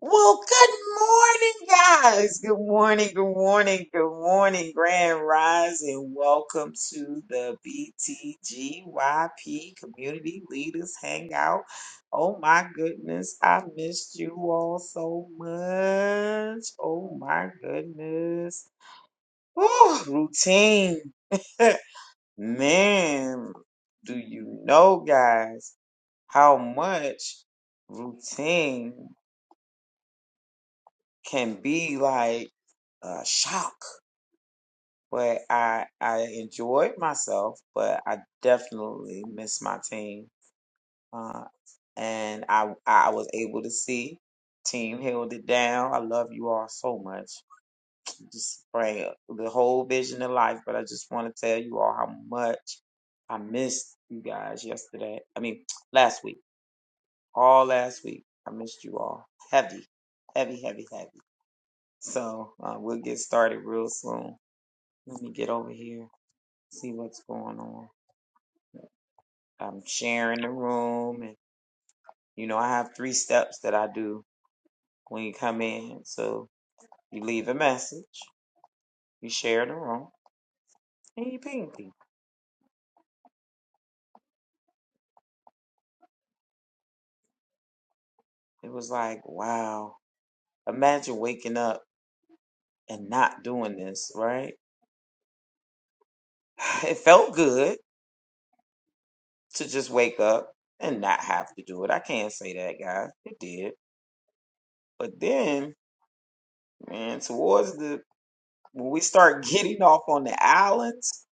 Well, good morning, guys. Good morning, good morning, good morning, Grand Rise, and welcome to the BTGYP Community Leaders Hangout. Oh my goodness, I missed you all so much. Oh my goodness. Whew, routine. Man, do you know, guys, how much routine? can be like a shock. But I I enjoyed myself, but I definitely missed my team. Uh, and I I was able to see team held it down. I love you all so much. Just bring the whole vision of life, but I just want to tell you all how much I missed you guys yesterday. I mean, last week, all last week, I missed you all heavy, heavy, heavy, heavy. So uh, we'll get started real soon. Let me get over here, see what's going on. I'm sharing the room, and you know, I have three steps that I do when you come in. So you leave a message, you share the room, and you ping people. It was like, wow, imagine waking up and not doing this, right? It felt good to just wake up and not have to do it. I can't say that, guys. It did. But then, man, towards the when we start getting off on the islands,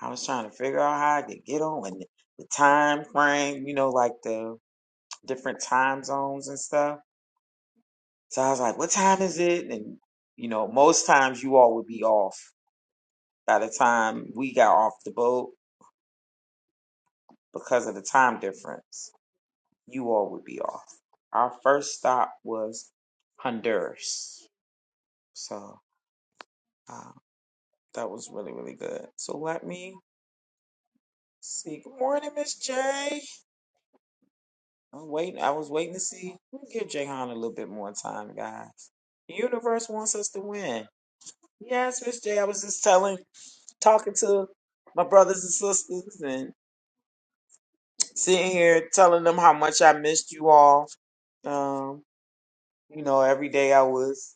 I was trying to figure out how I could get on and the time frame, you know, like the different time zones and stuff. So I was like, what time is it? And, you know, most times you all would be off by the time we got off the boat because of the time difference. You all would be off. Our first stop was Honduras. So uh, that was really, really good. So let me see. Good morning, Miss J. I'm waiting. I was waiting to see. We'll give Jayhan a little bit more time, guys. The universe wants us to win. Yes, Miss J. I was just telling, talking to my brothers and sisters, and sitting here telling them how much I missed you all. Um, you know, every day I was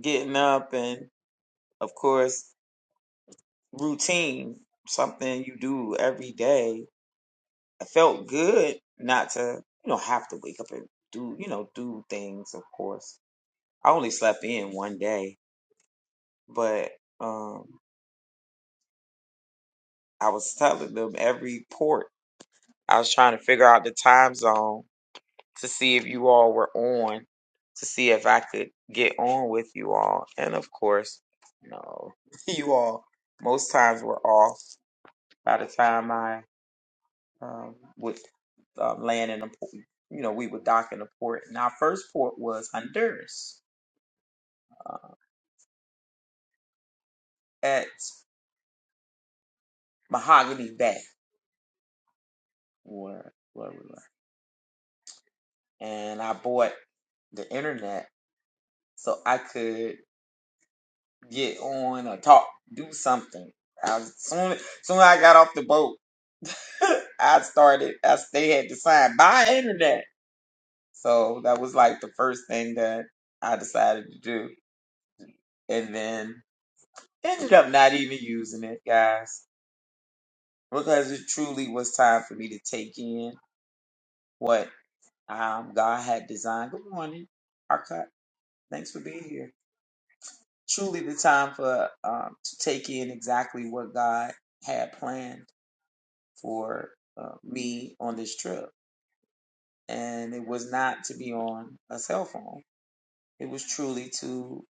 getting up, and of course, routine, something you do every day. I felt good not to, you know, have to wake up and do, you know, do things, of course I only slept in one day, but um, I was telling them every port. I was trying to figure out the time zone to see if you all were on, to see if I could get on with you all. And of course, no, you all most times were off by the time I um, would um, land in the port. You know, we would dock in the port, and our first port was Honduras uh, at Mahogany Bay. Where, where we landed. and I bought the internet so I could get on or talk, do something. I was, soon, soon I got off the boat, I started. I they had to sign buy internet, so that was like the first thing that I decided to do, and then ended up not even using it, guys, because it truly was time for me to take in what um, God had designed. Good morning, Arcot. Thanks for being here truly the time for um, to take in exactly what God had planned for uh, me on this trip, and it was not to be on a cell phone. It was truly to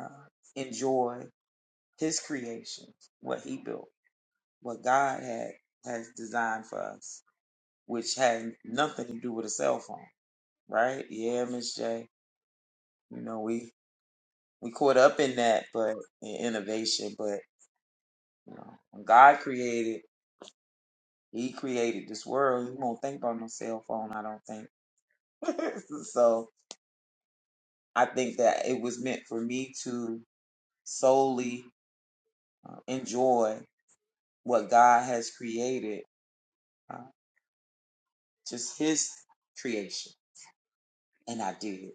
uh, enjoy His creation, what He built, what God had has designed for us, which had nothing to do with a cell phone, right? Yeah, Miss J. You know we we caught up in that, but in innovation, but you know when God created. He created this world. He won't think about no cell phone, I don't think. so I think that it was meant for me to solely uh, enjoy what God has created, uh, just His creation. And I did.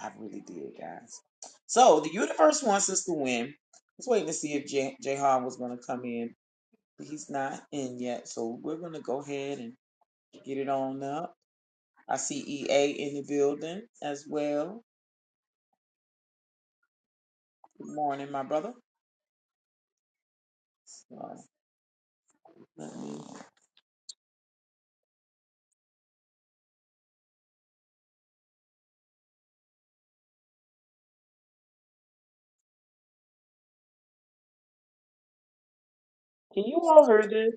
I really did, guys. So the universe wants us to win. Let's wait and see if J- Jahan was going to come in, but he's not in yet. So we're going to go ahead and get it on up. I see EA in the building as well. Good morning, my brother. So let me. Can you all hear this?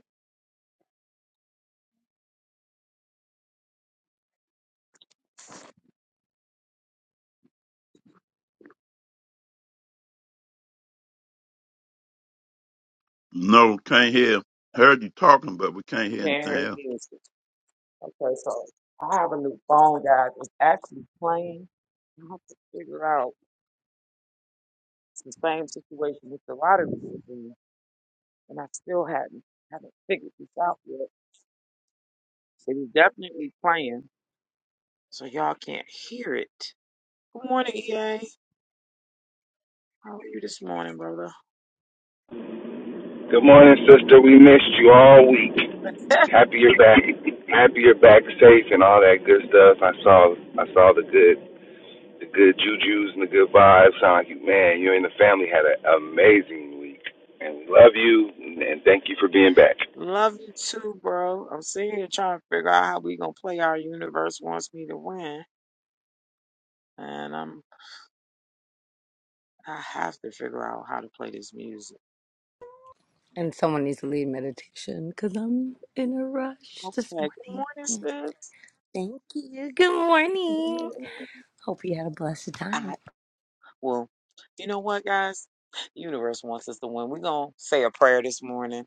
No, can't hear. Heard you talking, but we can't hear Can't anything hear the else. music. Okay, so I have a new phone, guys. It's actually playing. I have to figure out it's the same situation with the lottery was in, and I still hadn't haven't figured this out yet. It is definitely playing, so y'all can't hear it. Good morning, EA. How are you this morning, brother? Good morning, sister. We missed you all week. Happy you're back. Happy you're back safe and all that good stuff. I saw I saw the good the good juju's and the good vibes. Sound like you man, you and the family had an amazing week. And we love you and thank you for being back. Love you too, bro. I'm sitting here trying to figure out how we gonna play our universe wants me to win, and I'm I have to figure out how to play this music. And someone needs to lead meditation because I'm in a rush this Okay, morning. good Yeah. morning, sis. Thank you. Good morning. Hope you had a blessed time. I well, you know what, guys? Universe wants us to win. We're gonna say a prayer this morning.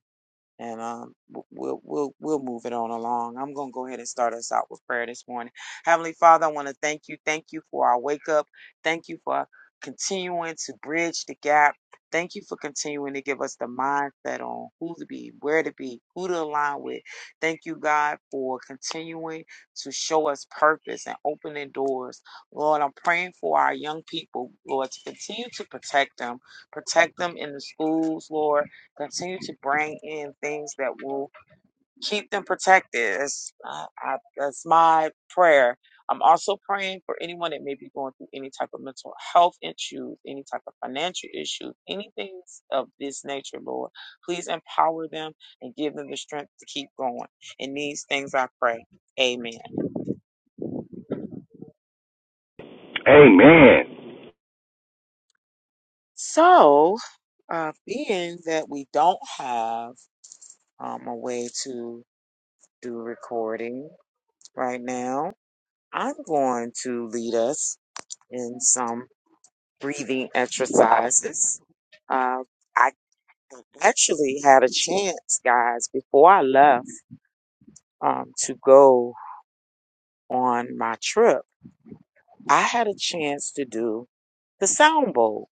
and um, w- we'll we'll we'll move it on along. I'm gonna go ahead and start us out with prayer this morning. Heavenly Father, I want to thank you, thank you for our wake up, thank you for continuing to bridge the gap, thank you for continuing to give us the mindset on who to be, where to be, who to align with. Thank you, God, for continuing to show us purpose and opening doors. Lord, I'm praying for our young people, Lord, to continue to protect them, protect them in the schools, Lord Continue to bring in things that will keep them protected. That's, uh, I, that's my prayer. I'm also praying for anyone that may be going through any type of mental health issues, any type of financial issues, anything of this nature, Lord. Please empower them and give them the strength to keep going. In these things I pray. Amen. Amen. So, uh, being that we don't have um, a way to do recording right now, I'm going to lead us in some breathing exercises. Uh, I actually had a chance, guys, before I left um, to go on my trip. I had a chance to do the sound bowl,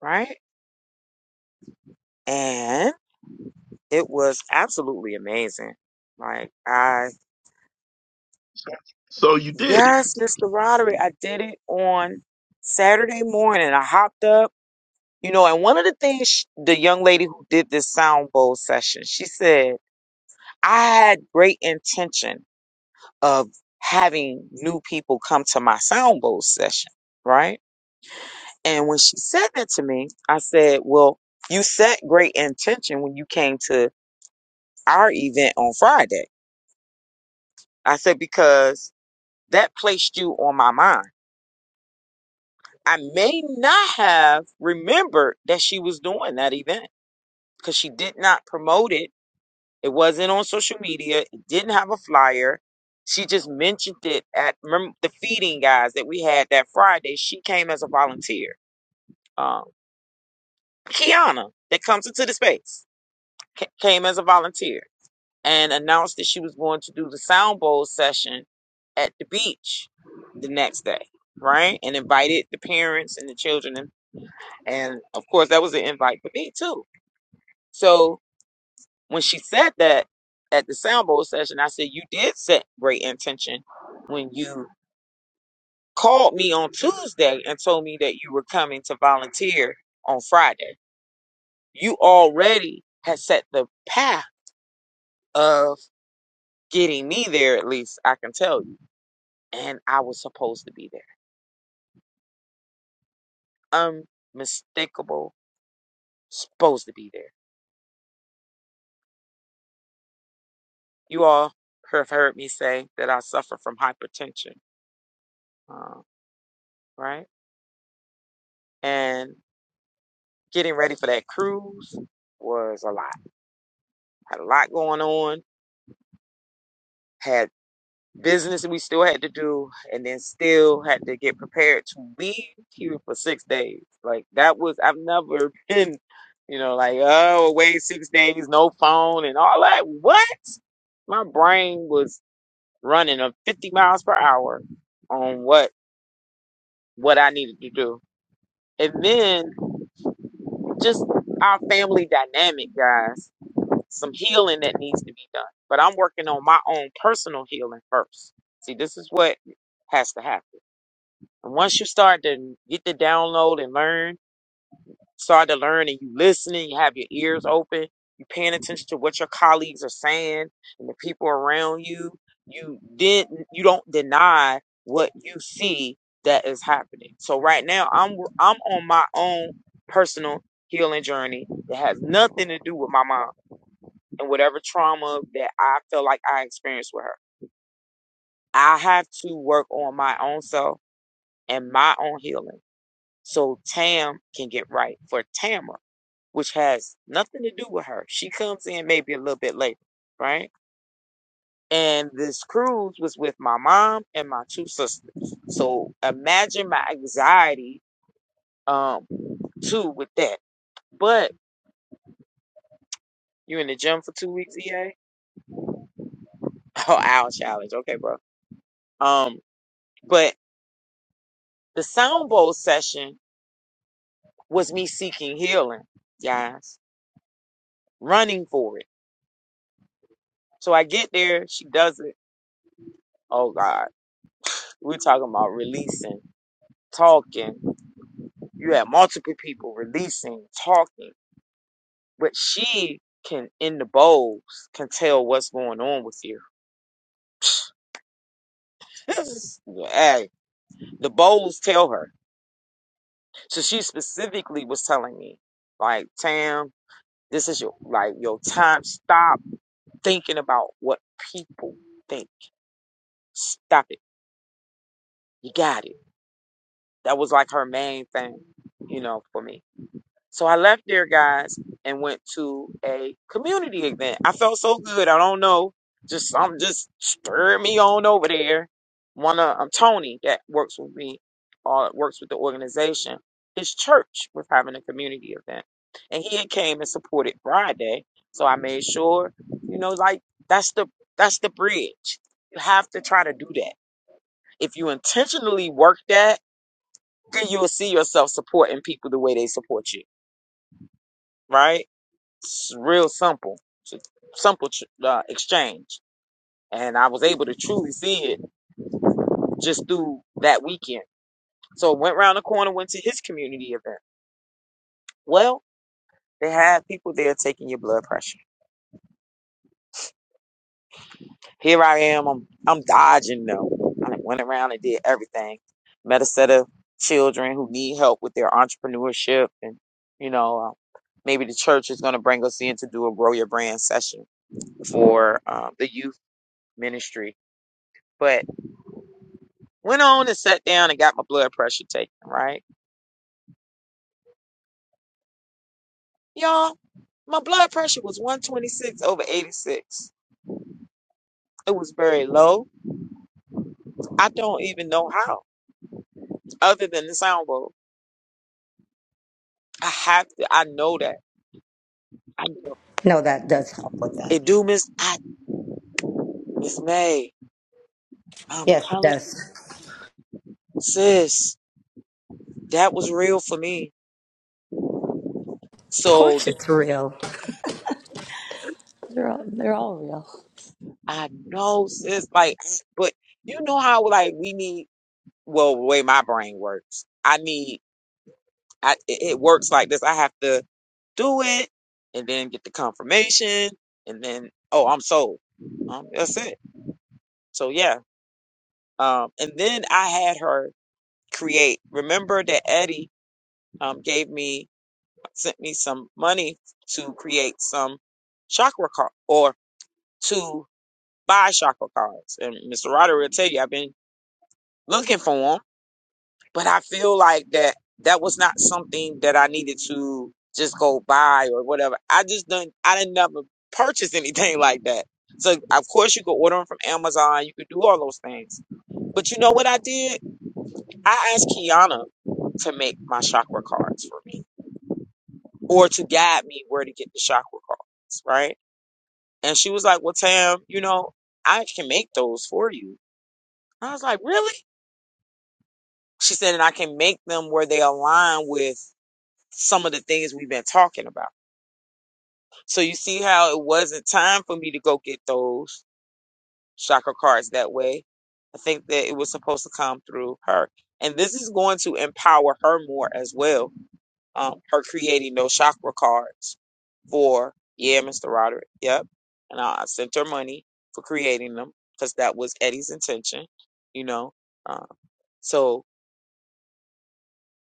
right? And it was absolutely amazing. Like, I, So you did it, yes, Mr. Roderick, I did it on Saturday morning. I hopped up. You know, and one of the things sh the young lady who did this sound bowl session, she said, I had great intention of having new people come to my sound bowl session, right? And when she said that to me, I said, Well, you set great intention when you came to our event on Friday. I said, Because that placed you on my mind. I may not have remembered that she was doing that event because she did not promote it It wasn't on social media. It didn't have a flyer. She just mentioned it at remember the feeding guys that we had that Friday. She came as a volunteer. Um, Kiana, that comes into the space, ca- came as a volunteer and announced that she was going to do the sound bowl session at the beach the next day, right? And invited the parents and the children, and, and of course that was an invite for me too. So When she said that at the soundboard session, I said, You did set great intention when you called me on Tuesday and told me that you were coming to volunteer on Friday. You already had set the path of getting me there, at least I can tell you. And I was supposed to be there. Unmistakable, supposed to be there. You all have heard me say that I suffer from hypertension, uh, right? And getting ready for that cruise was a lot. Had a lot going on. Had business we still had to do, and then still had to get prepared to leave here for six days. Like that was I've never been, you know, like oh away six days, no phone and all that. What? My brain was running at 50 miles per hour on what what I needed to do, and then just our family dynamic, guys. some healing that needs to be done. But I'm working on my own personal healing first. See, this is what has to happen. And once you start to get the download and learn, start to learn and you listening, you have your ears open, you paying attention to what your colleagues are saying and the people around you, you did not you don't deny what you see that is happening. So right now I'm I'm on my own personal healing journey that has nothing to do with my mom and whatever trauma that I feel like I experienced with her. I have to work on my own self and my own healing so Tam can get right for Tamara, which has nothing to do with her. She comes in maybe a little bit later, right? And this cruise was with my mom and my two sisters. So imagine my anxiety um too with that. But you're in the gym for two weeks, EA? Oh, owl challenge. Okay, bro. Um, but the sound bowl session was me seeking healing, guys, running for it. So I get there, she does it. Oh God, we're talking about releasing, talking. You have multiple people releasing, talking, but she can in the bowls can tell what's going on with you. hey, the bowls tell her. So she specifically was telling me, like Tam, this is your like your time. Stop thinking about what people think. Stop it. You got it. That was like her main thing, you know, for me. So I left there, guys, and went to a community event. I felt so good. I don't know. Just I'm just stir me on over there. One of um, Tony that works with me, uh, works with the organization. His church was having a community event, and he had came and supported Friday. So I made sure, you know, like that's the that's the bridge. You have to try to do that. If you intentionally work that then you'll see yourself supporting people the way they support you, right? It's real simple, simple uh, exchange. And I was able to truly see it just through that weekend. So went around the corner, went to his community event. Well, they had people there taking your blood pressure. Here I am, I'm, I'm dodging them. I went around and did everything. Met a set of children who need help with their entrepreneurship and, you know, uh, maybe the church is going to bring us in to do a grow your brand session for um, the youth ministry, but went on and sat down and got my blood pressure taken, right? Y'all, my blood pressure was 126 over 86. It was very low. I don't even know how, other than the sound bowl. I have to, I know that. I know. No, that does help with that. It do, Miss, I, Miss May, I'm Yes, it telling you, does. sis, that was real for me. Of So course, the, it's real. They're all, they're all real. I know, sis, like, but you know how, like, we need, well, the way my brain works, I need I, it, it works like this. I have to do it and then get the confirmation and then, oh, I'm sold. Um, that's it. So yeah. Um, and then I had her create. Remember that Eddie, um, gave me, sent me some money to create some chakra card or to buy chakra cards. And Mr. Roderick will tell you, I've been looking for 'em but I feel like that that was not something that I needed to just go buy or whatever. I just didn't I didn't never purchase anything like that. So of course you could order them from Amazon, you could do all those things. But you know what I did? I asked Kiana to make my chakra cards for me or to guide me where to get the chakra cards, right? And she was like, Well, Tam, you know, I can make those for you. I was like, Really? She said, and I can make them where they align with some of the things we've been talking about. So you see how it wasn't time for me to go get those chakra cards that way. I think that it was supposed to come through her. And this is going to empower her more as well. Um, her creating those chakra cards for, yeah, Mr. Roderick. Yep. And I, I sent her money for creating them because that was Eddie's intention, you know. Um, so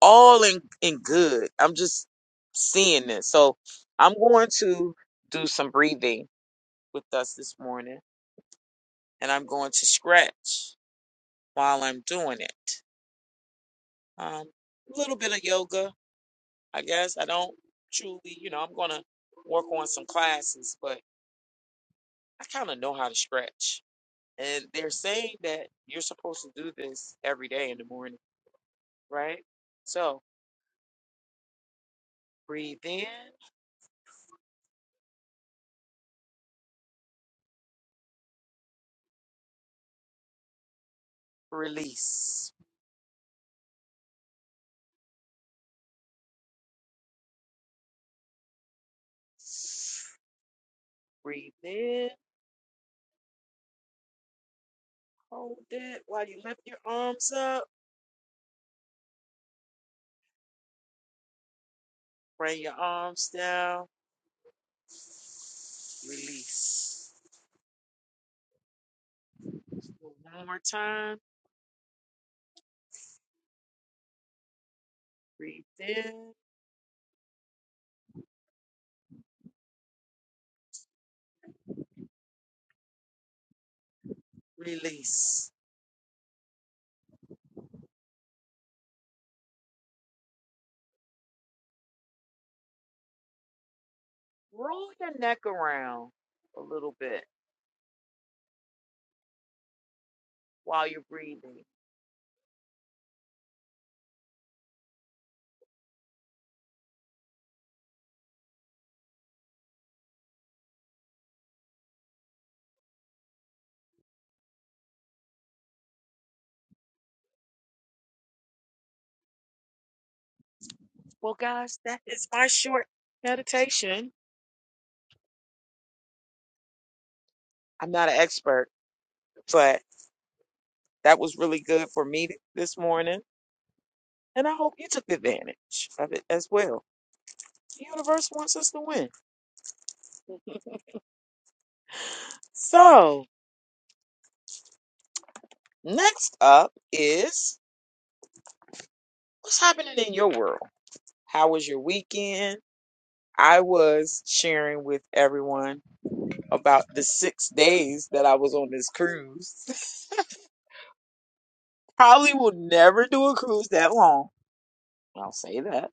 all in, in good. I'm just seeing this. So I'm going to do some breathing with us this morning and I'm going to stretch while I'm doing it. Um, a little bit of yoga, I guess. I don't truly, you know, I'm going to work on some classes, but I kind of know how to stretch. And they're saying that you're supposed to do this every day in the morning, right? So breathe in, release. Breathe in. Hold it while you lift your arms up. Bring your arms down. Release. One more time. Breathe in. Release. Roll your neck around a little bit while you're breathing. Well, guys, that is my short meditation. I'm not an expert, but that was really good for me this morning. And I hope you took advantage of it as well. The universe wants us to win. So, next up is. What's happening in your world? How was your weekend? I was sharing with everyone about the six days that I was on this cruise. Probably will never do a cruise that long. I'll say that.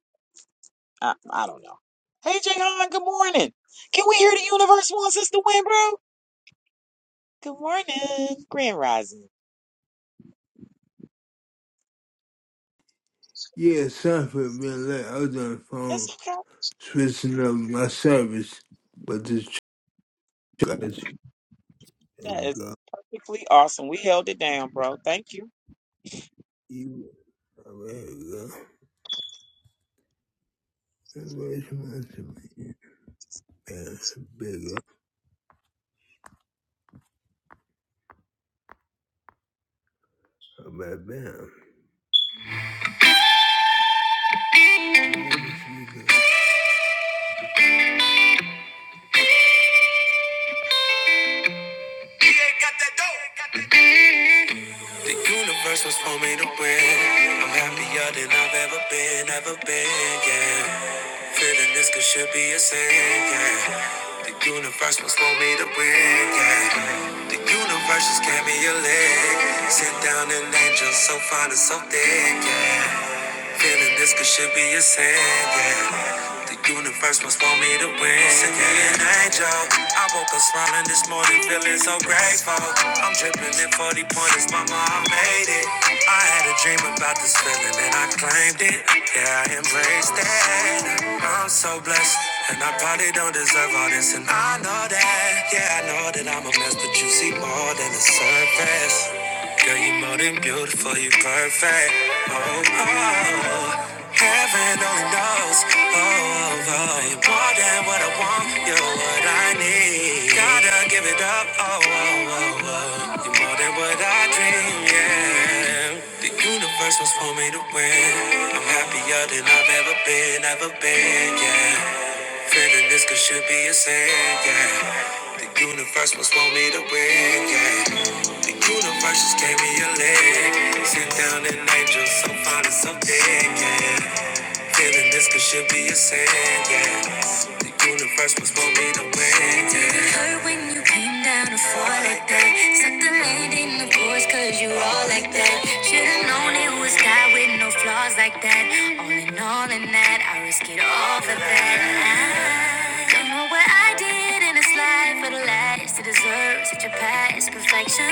I, I don't know. Hey, Jayhan, good morning. Can we hear the universe wants us to win, bro? Good morning. Grand Rising. It's okay. That is perfectly awesome. We held it down, bro. Thank you. The universe was for me to win. I'm happier than I've ever been, ever been, yeah. Feeling this could should be a sin, yeah. The universe was for me to win, yeah. The universe just gave me a leg. Sit down an angel so fine and so thick, yeah. Feeling this could should be a sin, yeah. The universe must want me to win. Send me an angel. I woke up smiling this morning, feeling so grateful. I'm dripping in 40 pointers, mama, I made it. I had a dream about this feeling and I claimed it. Yeah, I embraced it. I'm so blessed. And I probably don't deserve all this, and I know that. Yeah, I know that I'm a mess, but you see more than the surface. Girl, you more than beautiful, you perfect. Oh, oh, oh. heaven only knows. Oh, oh, oh, you're more than what I want, you're what I need. Gotta give it up. Oh, oh, oh, oh, you're more than what I dream. Yeah, the universe was for me to win. I'm happier than I've ever been, ever been. Yeah. Feeling this could should be a sin, yeah. The universe must want me to win, yeah. The universe just gave me a leg. Sit down an angel, so fine and so thick, yeah. Feeling this could should be a sin, yeah. The universe must want me to win, yeah. It Hurt when you came down to fall like that. Set the land in the course, cause you all like that. Should've known it was God with no flaws like that. All in all, in that, I risk it all for that. Don't know what I did in this life for the last to deserve such a past perfection.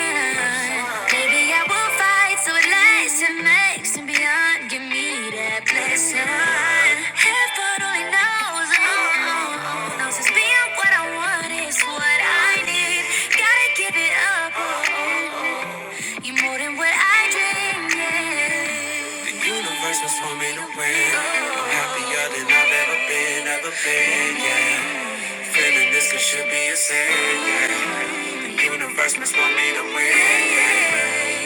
Maybe I will fight so it lasts and makes and beyond. Give me that blessing. Heaven only knows, oh, oh, oh. knows it's being what I want is what I need. Gotta give it up. oh, oh, oh. You're more than what I dreamed. yeah. The universe was for me to win. I'm happier than I've ever been, ever been. Yeah, feeling this it should be a sin. Yeah, the universe was for me to win. Yeah,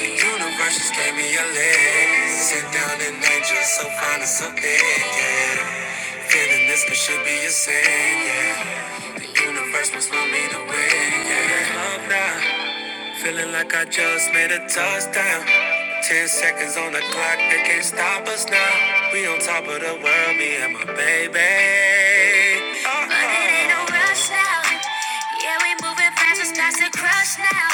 the universe just gave me a leg. Sit down and angel, so fine and so big. Yeah, feeling this it should be a sin. Yeah, the universe was for me to win. Yeah, Love now. Feeling like I just made a touchdown. Ten seconds on the clock, they can't stop us now. We on top of the world, me and my baby. Uh-oh. But it ain't no rush now. Yeah, we moving fast, it's past the crush now.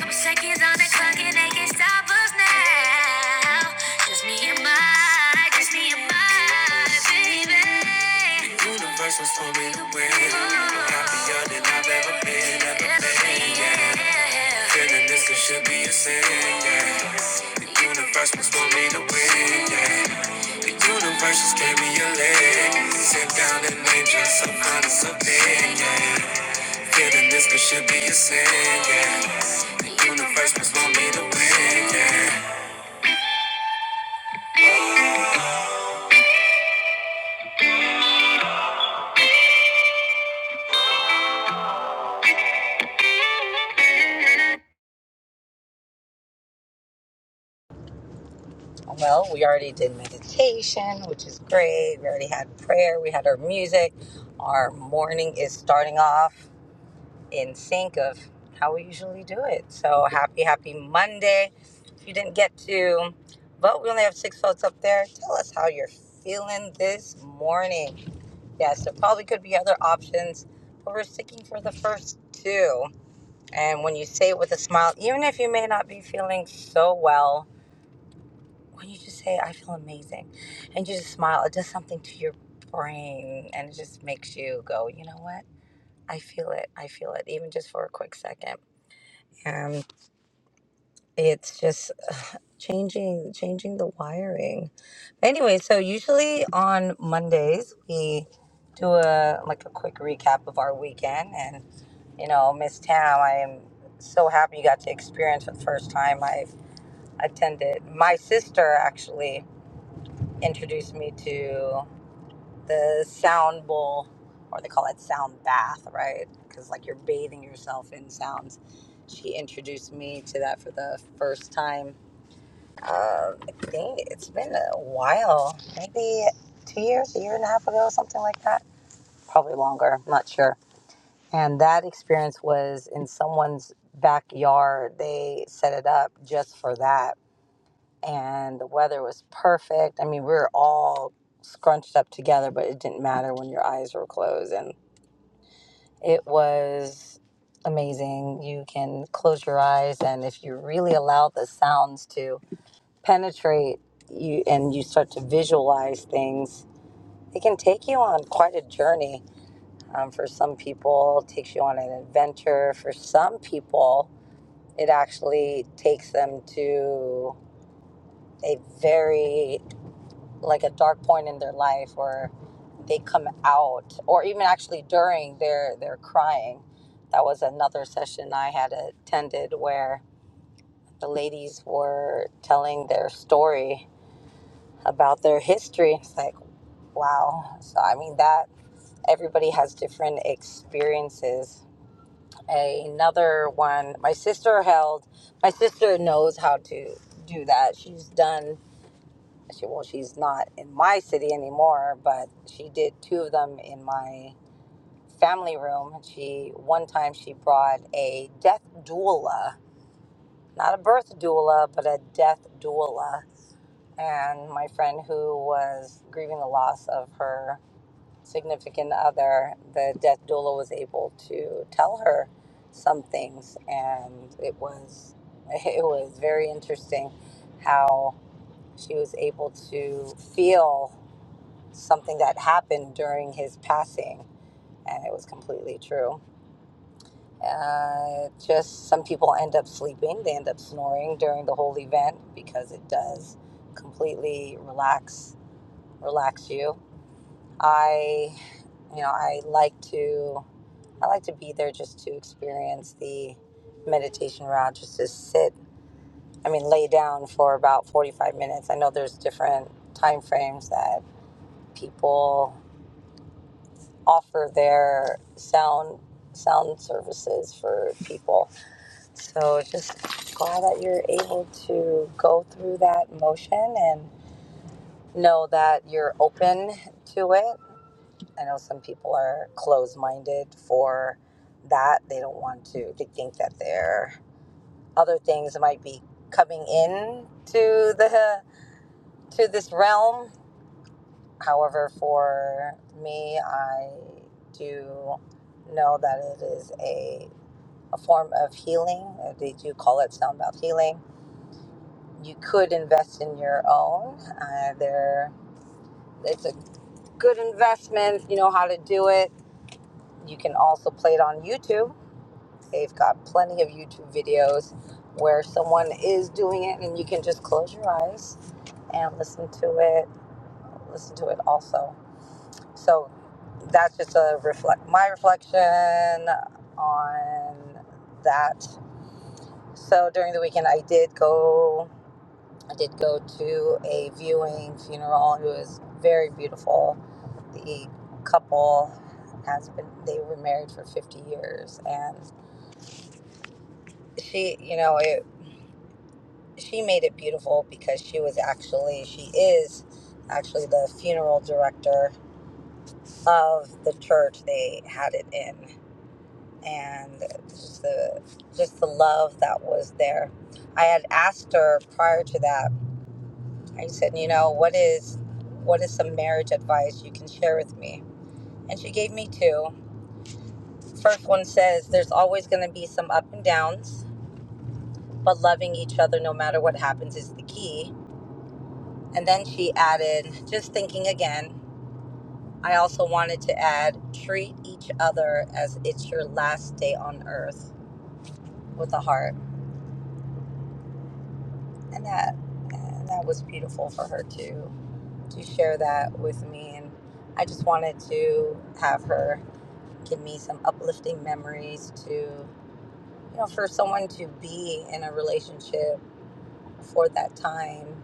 Couple seconds on the clock, and they can't stop us now. Just me and my, just me and my baby. Universe was told me to win. I'm happier than I've ever been, ever been. Yeah. Feeling this it should be a sin. Yeah. The universe was told me to win. Yeah. The universe just gave me a leg. Sit down and enjoy some honest opinion. Yeah. Feeling this it should be a sin. Yeah. The universe was told me to win. Yeah. Well, we already did meditation, which is great. We already had prayer. We had our music. Our morning is starting off. in sync of how we usually do it. So happy, happy Monday. If you didn't get to vote, we only have six votes up there. Tell us how you're feeling this morning. Yes, there probably could be other options, but we're sticking for the first two. And when you say it with a smile, even if you may not be feeling so well, when you just say, I feel amazing, and you just smile, it does something to your brain and it just makes you go, you know what? I feel it. I feel it, even just for a quick second. And it's just ugh, changing changing the wiring anyway so usually on mondays we do a like a quick recap of our weekend and you know miss tam i am so happy you got to experience for the first time i've attended my sister actually introduced me to the sound bowl or they call it sound bath right because like you're bathing yourself in sounds she introduced me to that for the first time uh, I think it's been a while, maybe two years, a year and a half ago, something like that. Probably longer, I'm not sure. And that experience was in someone's backyard. They set it up just for that. And the weather was perfect. I mean, we were all scrunched up together, but it didn't matter when your eyes were closed. And it was amazing. You can close your eyes, and if you really allow the sounds to penetrate you and you start to visualize things, it can take you on quite a journey. Um, for some people, it takes you on an adventure. For some people, it actually takes them to a very, like a dark point in their life where they come out, or even actually during their, their crying. That was another session I had attended where the ladies were telling their story about their history. It's Like. Wow. So, I mean, that everybody has different experiences. Another one, my sister held, my sister knows how to do that. She's done, she, well, she's not in my city anymore, but she did two of them in my family room. And she, one time, she brought a death doula, not a birth doula, but a death doula and my friend who was grieving the loss of her significant other, the death doula was able to tell her some things, and it was it was very interesting how she was able to feel something that happened during his passing, and it was completely true. Uh, just some people end up sleeping, they end up snoring during the whole event because it does completely relax relax you. I you know, I like to. I like to be there just to experience the meditation route, just to sit, I mean, lay down for about 45 minutes. I know there's different time frames that people offer their sound sound services for people. So just glad that you're able to go through that motion and know that you're open to it. I know some people are closed-minded for that. They don't want to to think that they're other things might be coming in to the to this realm. However, for me, I do know that it is a, a form of healing. Uh, They do call it sound bath healing. You could invest in your own. Uh, there, it's a good investment. You know how to do it. You can also play it on YouTube They've got plenty of YouTube videos where someone is doing it and you can just close your eyes and listen to it, listen to it also. So that's just a reflect my reflection on that. So during the weekend I did go I did go to a viewing funeral. It was very beautiful. The couple has been they were married for 50 years and she you know it she made it beautiful because she was actually she is actually the funeral director of the church they had it in and just the just the love that was there i had asked her prior to that i said you know what is what is some marriage advice you can share with me and she gave me two. First one says there's always going to be some up and downs but loving each other no matter what happens is the key and then she added, just thinking again, I also wanted to add treat each other as it's your last day on earth with a heart. And that and that was beautiful for her to to share that with me and I just wanted to have her give me some uplifting memories to you know for someone to be in a relationship for that time.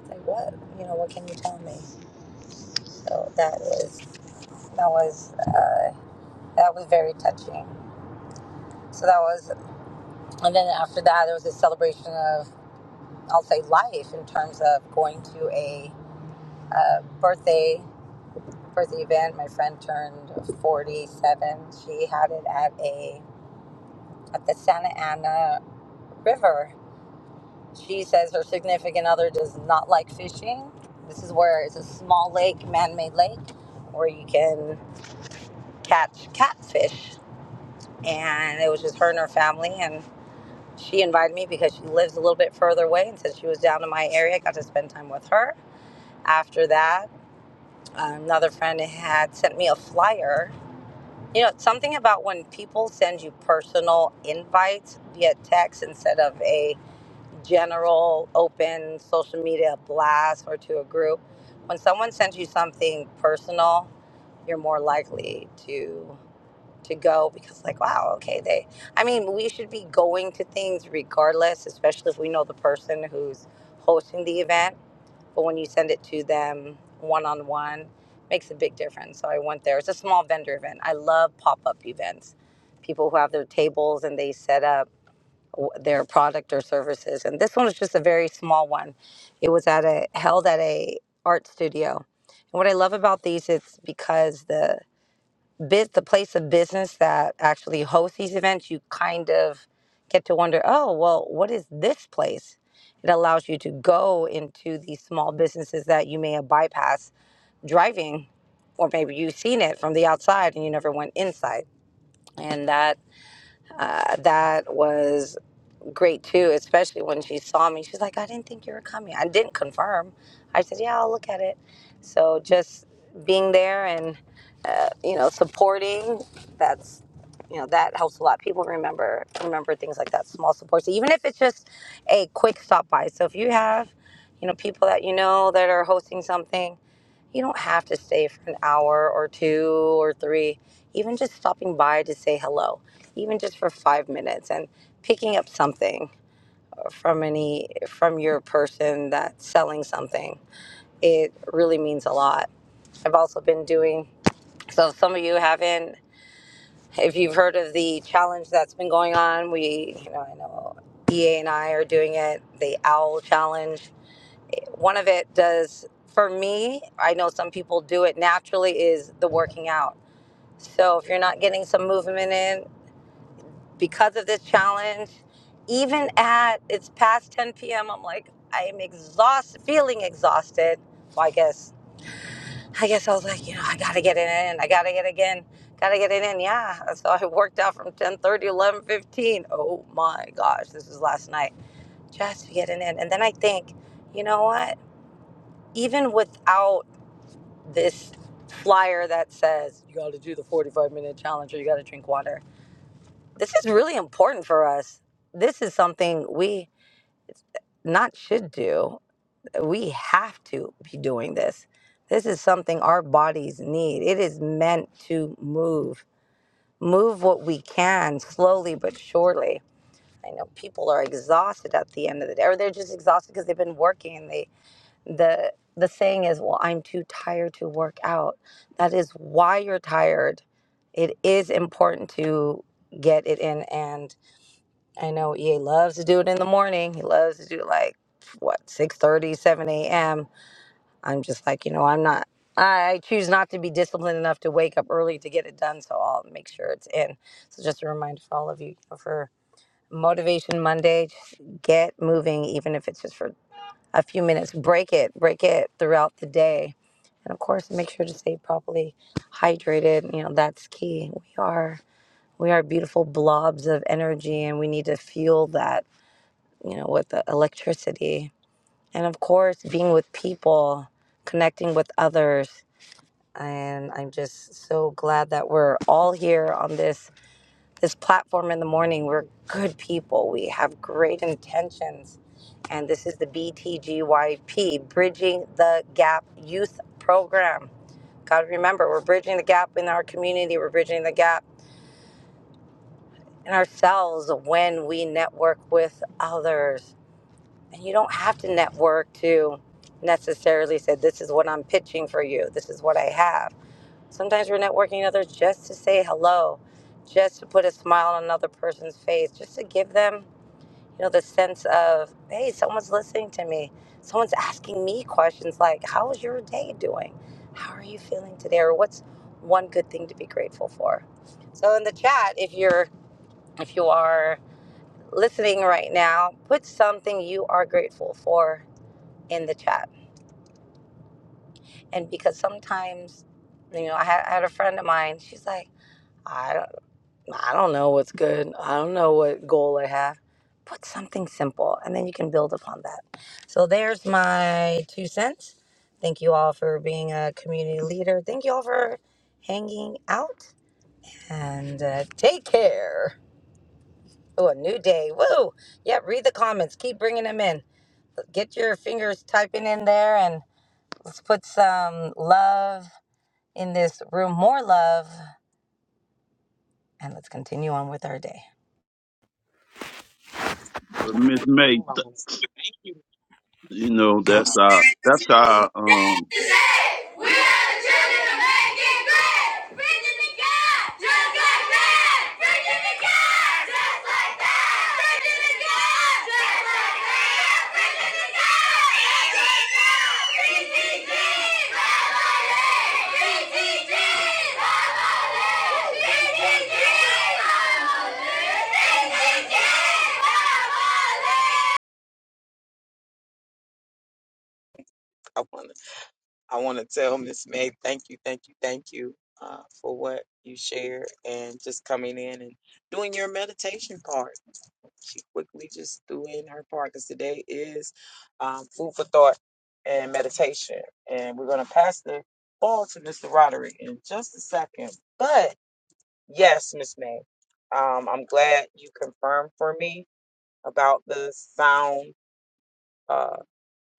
It's like what, you know, what can you tell me? So that was that was uh, that was very touching. So that was And then after that, there was a celebration of, I'll say, life in terms of going to a uh, birthday birthday event. My friend turned 47. She had it at a at the Santa Ana River. She says her significant other does not like fishing. This is where it's a small lake, man-made lake, where you can catch catfish. And it was just her and her family, and She invited me because she lives a little bit further away, and since she was down in my area, I got to spend time with her. After that, another friend had sent me a flyer. You know, something about when people send you personal invites via text instead of a general open social media blast or to a group. When someone sends you something personal, you're more likely to to go because like wow okay they i mean we should be going to things regardless especially if we know the person who's hosting the event but when you send it to them one-on-one makes a big difference so i went there it's a small vendor event i love pop-up events people who have their tables and they set up their product or services and this one was just a very small one it was at a held at a art studio and what i love about these it's because the biz, the place of business that actually hosts these events, you kind of get to wonder, oh, well, what is this place? It allows you to go into these small businesses that you may have bypassed driving, or maybe you've seen it from the outside and you never went inside. And that uh, that was great too, especially when she saw me. She's like, I didn't think you were coming. I didn't confirm. I said, Yeah, I'll look at it. So just being there and, uh, you know, supporting, that's, you know, that helps a lot. People remember, remember things like that, small supports, even if it's just a quick stop by. So if you have, you know, people that you know that are hosting something, you don't have to stay for an hour or two or three, even just stopping by to say hello, even just for five minutes and picking up something from any from your person that's selling something. It really means a lot. I've also been doing. So if some of you haven't, if you've heard of the challenge that's been going on, we, you know, I know EA and I are doing it, the OWL challenge. One of it does, for me, I know some people do it naturally, is the working out. So if you're not getting some movement in, because of this challenge. Even at it's past 10 p.m., I'm like, I'm exhausted, feeling exhausted. Well, I guess, I guess I was like, you know, I gotta get it in. I gotta get it again. Gotta get it in. Yeah. So I worked out from 10 30, 11 15. Oh my gosh, this was last night just to get it in. And then I think, you know what? Even without this flyer that says you gotta do the 45 minute challenge or you gotta drink water, This is really important for us. This is something we not should do. We have to be doing this. This is something our bodies need. It is meant to move. Move what we can slowly but surely. I know people are exhausted at the end of the day, or they're just exhausted because they've been working and they the the saying is, well, I'm too tired to work out. That is why you're tired. It is important to get it in. and. I know EA loves to do it in the morning. He loves to do like what 6:30, 7 a.m. I'm just like, you know, I'm not. I I choose not to be disciplined enough to wake up early to get it done, so I'll make sure it's in. So just a reminder for all of you, you know, for Motivation Monday, just get moving, even if it's just for a few minutes. Break it, break it throughout the day, and of course, make sure to stay properly hydrated. You know, that's key. We are we are beautiful blobs of energy, and we need to fuel that you know, with the electricity. And of course, being with people, connecting with others. And I'm just so glad that we're all here on this this platform in the morning. We're good people. We have great intentions. And this is the BTGYP, Bridging the Gap Youth Program. God, remember, we're bridging the gap in our community. We're bridging the gap in ourselves when we network with others And you don't have to network to necessarily say, This is what I'm pitching for you. This is what I have. Sometimes we're networking others just to say hello, just to put a smile on another person's face, just to give them, you know, the sense of, hey, someone's listening to me. Someone's asking me questions like, How is your day doing? How are you feeling today? Or what's one good thing to be grateful for? So in the chat, if you're if you are listening right now, put something you are grateful for in the chat. And because sometimes, you know, I had, I had a friend of mine. She's like, I don't, I don't know what's good. I don't know what goal I have. Put something simple, and then you can build upon that. So there's my two cents. Thank you all for being a community leader. Thank you all for hanging out and uh, take care. Oh, a new day. Woo! Yeah, read the comments. Keep bringing them in. Get your fingers typing in there and let's put some love in this room more love and let's continue on with our day. but Miss May. Hold on th- one second. Thank you. You know that's our that's our um. I want to I want to tell Miss May, thank you, thank you, thank you uh, for what you shared and just coming in and doing your meditation part. She quickly just threw in her part because today is um, food for thought and meditation. And we're going to pass the ball to Mr. Roderick in just a second. But yes, Miss May, um, I'm glad you confirmed for me about the sound, uh,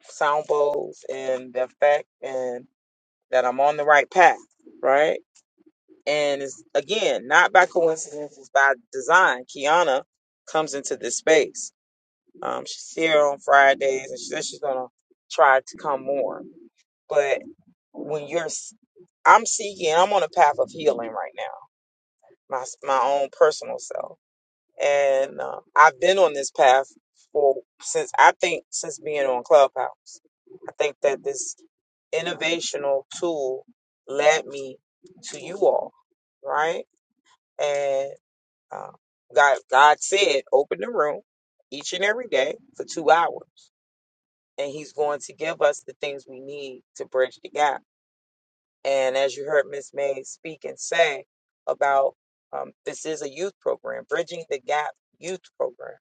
sound bowls and the effect and that I'm on the right path, right? And it's again not by coincidence, it's by design. Kiana comes into this space. Um, she's here on Fridays, and she says she's gonna try to come more. But when you're, s- I'm seeking, I'm on a path of healing right now, my s- my own personal self and um, I've been on this path for since I think since being on Clubhouse. I think that this innovational tool led me to you all, right? And um, God, God said, open the room each and every day for two hours, and He's going to give us the things we need to bridge the gap. And as you heard Miss May speak and say about um, this is a youth program, bridging the gap youth program.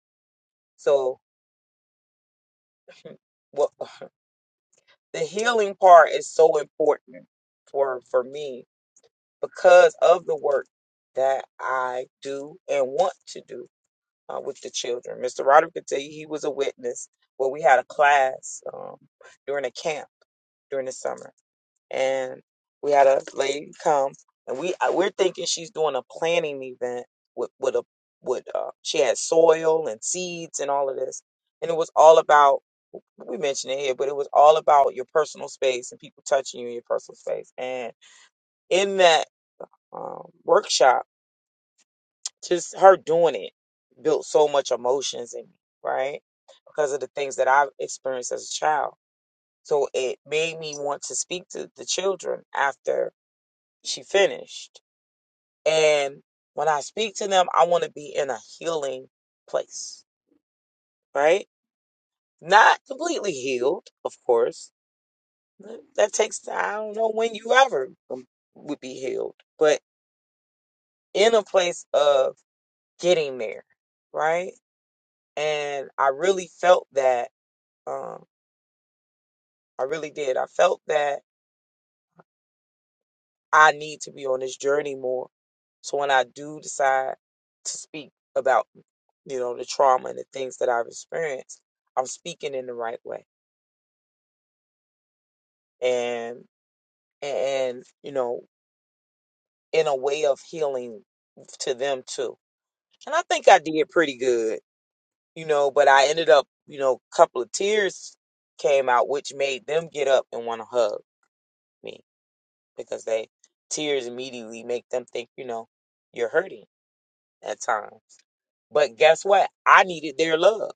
So Well, the healing part is so important for for me because of the work that I do and want to do uh, with the children. Mr. Roderick could tell you he was a witness. Well, we had a class um, during a camp during the summer, and we had a lady come, and we I- we're thinking she's doing a planting event with with a with uh, she had soil and seeds and all of this, and it was all about we mentioned it here, but it was all about your personal space and people touching you in your personal space. And in that um, workshop, just her doing it built so much emotions in me, right? Because of the things that I've experienced as a child. So it made me want to speak to the children after she finished. And when I speak to them, I want to be in a healing place, right? Not completely healed, of course, That takes time. I don't know when you ever um, would be healed, but in a place of getting there, right? And I really felt that. Um, I really did. I felt that I need to be on this journey more. So when I do decide to speak about, you know, the trauma and the things that I've experienced, I'm speaking in the right way and and you know, in a way of healing to them too. And I think I did pretty good you know, but I ended up, you know, a couple of tears came out, which made them get up and want to hug me because they tears immediately make them think, you know, you're hurting at times. But guess what? I needed their love.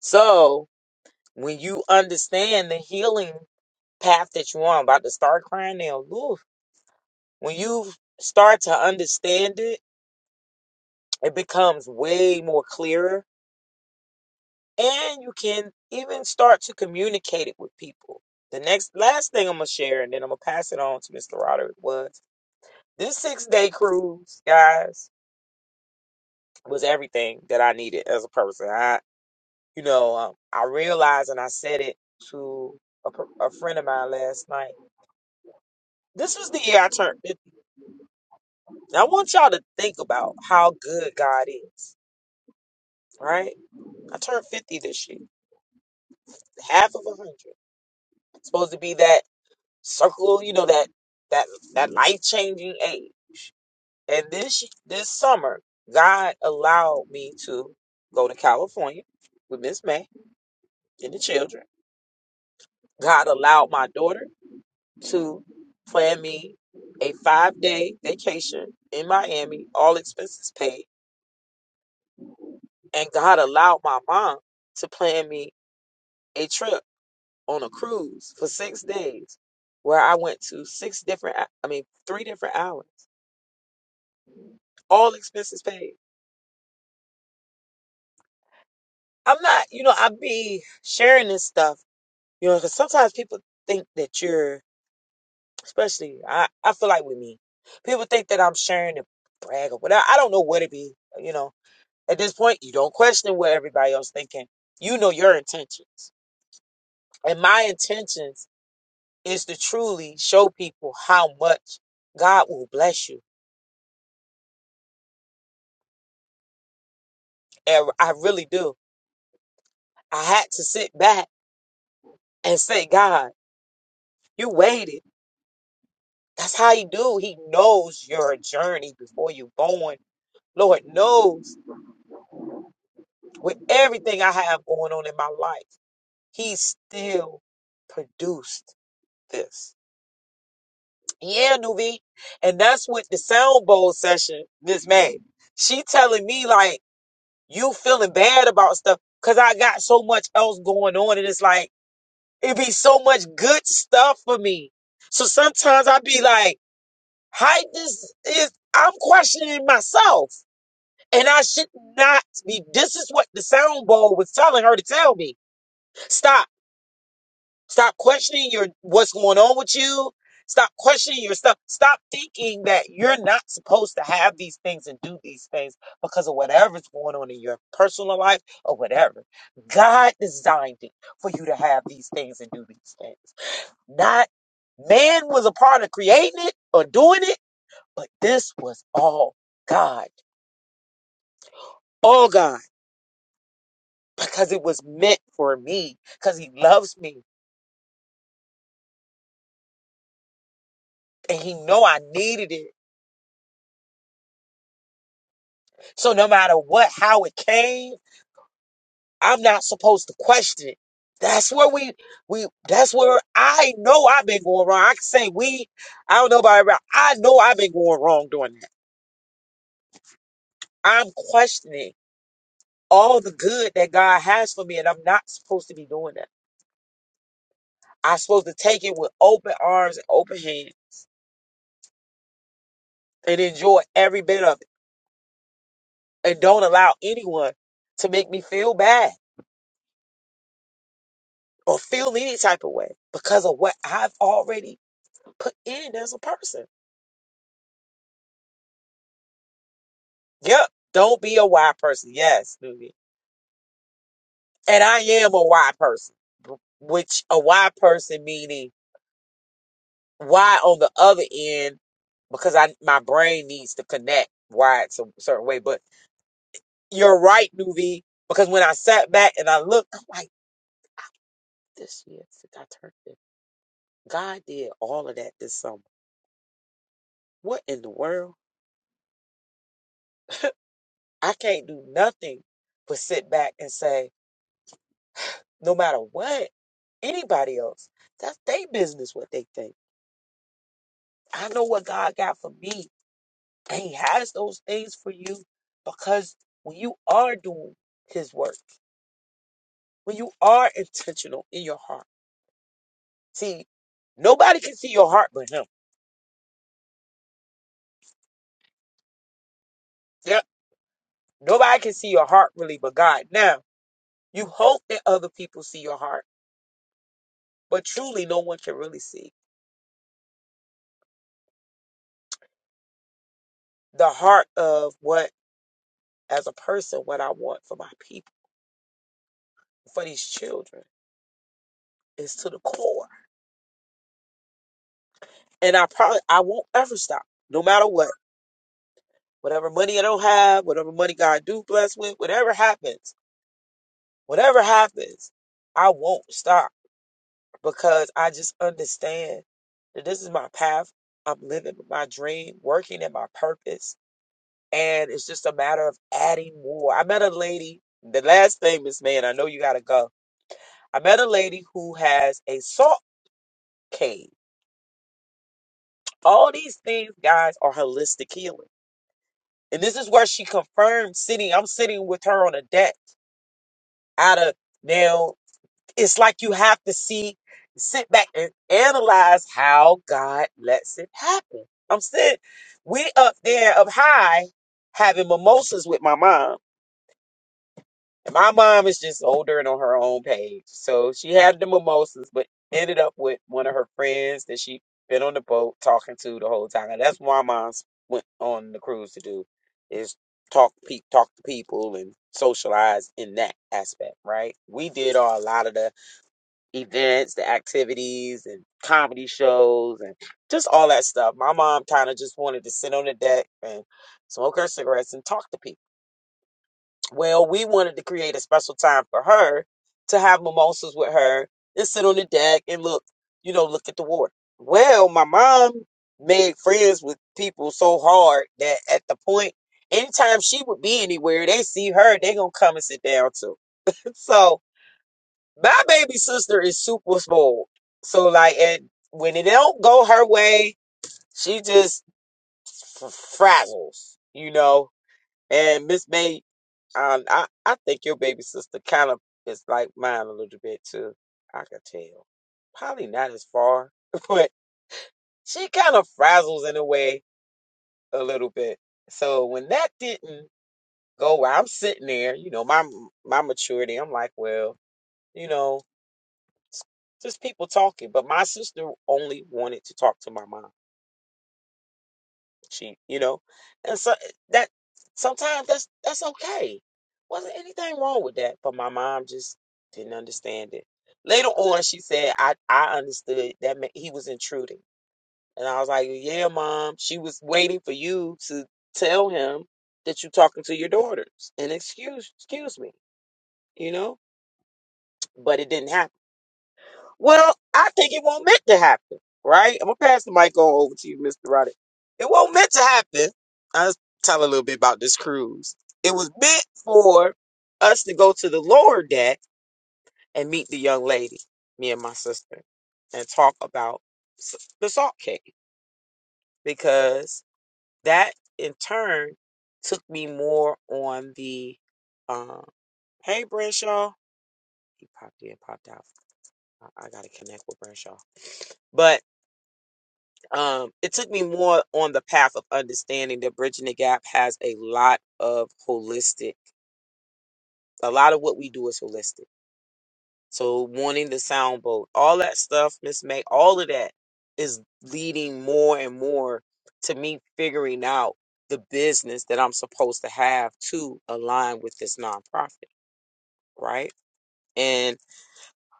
So when you understand the healing path that you're on, I'm about to start crying now, Oof. when you start to understand it, it becomes way more clearer and you can even start to communicate it with people. The next last thing I'm gonna share, and then I'm gonna pass it on to Mr. Roderick was this six day cruise, guys, was everything that I needed as a person. I, you know, um, I realized, and I said it to a, per- a friend of mine last night. This was the year I turned 50. I want y'all to think about how good God is, right? I turned 50 this year, half of a hundred. Supposed to be that circle, you know, that that that life changing aid. And this this summer, God allowed me to go to California with Miss May and the children. God allowed my daughter to plan me a five day vacation in Miami, all expenses paid. And God allowed my mom to plan me a trip on a cruise for six days where I went to six different, I mean, three different islands, all expenses paid I'm not, you know, I be sharing this stuff, you know, because sometimes people think that you're, especially, I, I feel like with me, people think that I'm sharing to brag or whatever. I don't know what it be, you know. At this point, you don't question what everybody else thinking. You know your intentions, and my intentions is to truly show people how much God will bless you, and I really do. I had to sit back and say, God, you waited. That's how he do. He knows your journey before you born. Lord knows with everything I have going on in my life, he still produced this. Yeah, Nuvi. And that's what the sound bowl session, Miss May. She telling me like you feeling bad about stuff because I got so much else going on. And it's like, it be so much good stuff for me. So sometimes I be like, how this is I'm questioning myself And I should not be. This is what the sound bowl was telling her to tell me. Stop. Stop questioning your what's going on with you. Stop questioning your stuff. Stop thinking that you're not supposed to have these things and do these things because of whatever's going on in your personal life or whatever. God designed it for you to have these things and do these things. Not man was a part of creating it or doing it, but this was all God. All God. because it was meant for me because he loves me and he know I needed it. So no matter what how it came, I'm not supposed to question it. That's where we we that's where I know I've been going wrong. I can say we, I don't know about everybody. I know I've been going wrong doing that. I'm questioning all the good that God has for me and I'm not supposed to be doing that. I'm supposed to take it with open arms and open hands and enjoy every bit of it and don't allow anyone to make me feel bad or feel any type of way because of what I've already put in as a person. Yep. Don't be a why person. Yes, Nuvi. And I am a why person, b- which a why person meaning why on the other end because I my brain needs to connect why it's a certain way. But you're right, Nuvi, because when I sat back and I looked, I'm like, this year since I turned it, God did all of that this summer. What in the world? I can't do nothing but sit back and say. no matter what anybody else. That's their business what they think. I know what God got for me, and He has those things for you because when you are doing His work, when you are intentional in your heart, see, nobody can see your heart but Him. Yeah, nobody can see your heart really but God. Now, you hope that other people see your heart, but truly, no one can really see the heart of what, as a person, what I want for my people, for these children is to the core and I probably I won't ever stop, no matter what. Whatever money I don't have, whatever money God do bless with, whatever happens, whatever happens, I won't stop because I just understand that this is my path. I'm living my dream, working in my purpose, and it's just a matter of adding more. I met a lady. The last thing, Miss Man, I know you gotta go. I met a lady who has a salt cave. All these things, guys, are holistic healing. And this is where she confirmed sitting. I'm sitting with her on a deck out of now. It's like you have to see, sit back and analyze how God lets it happen. I'm sitting, we up there up high having mimosas with my mom. And my mom is just older and on her own page. So she had the mimosas, but ended up with one of her friends that she been on the boat talking to the whole time. And that's why mom's went on the cruise to do is talk pe- talk to people and socialize in that aspect, right? We did all, a lot of the events, the activities and comedy shows and just all that stuff. My mom kind of just wanted to sit on the deck and smoke her cigarettes and talk to people well, we wanted to create a special time for her to have mimosas with her and sit on the deck and look, you know, look at the water. Well, my mom made friends with people so hard that at the point, anytime she would be anywhere, they see her, they gonna come and sit down too. So my baby sister is super spoiled. So like, and when it don't go her way, she just f- frazzles, you know. And Miss May um, I, I think your baby sister kind of is like mine a little bit too. I could tell. Probably not as far, but she kind of frazzles in a way a little bit. So when that didn't go well, I'm sitting there, you know, my my maturity. I'm like, well, you know, just people talking. But my sister only wanted to talk to my mom. She, you know, and so that sometimes that's that's okay. Wasn't anything wrong with that, but my mom just didn't understand it. Later on, she said, "I I understood that meant he was intruding," and I was like, "Yeah, mom." She was waiting for you to tell him that you're talking to your daughters and excuse excuse me, you know, but it didn't happen. Well, I think it won't meant to happen, right? I'm gonna pass the mic on over to you, Mr. Roddy. It won't meant to happen. I'll tell a little bit about this cruise. It was meant for us to go to the lower deck and meet the young lady, me and my sister, and talk about s- the salt cake because that in turn took me more on the um, hey Brenshaw. He popped in, popped out. I, I gotta connect with Brenshaw, but um, it took me more on the path of understanding that bridging the gap has a lot of holistic. A lot of what we do is holistic. So wanting the soundboat, all that stuff, Miss May, all of that is leading more and more to me figuring out the business that I'm supposed to have to align with this nonprofit, right?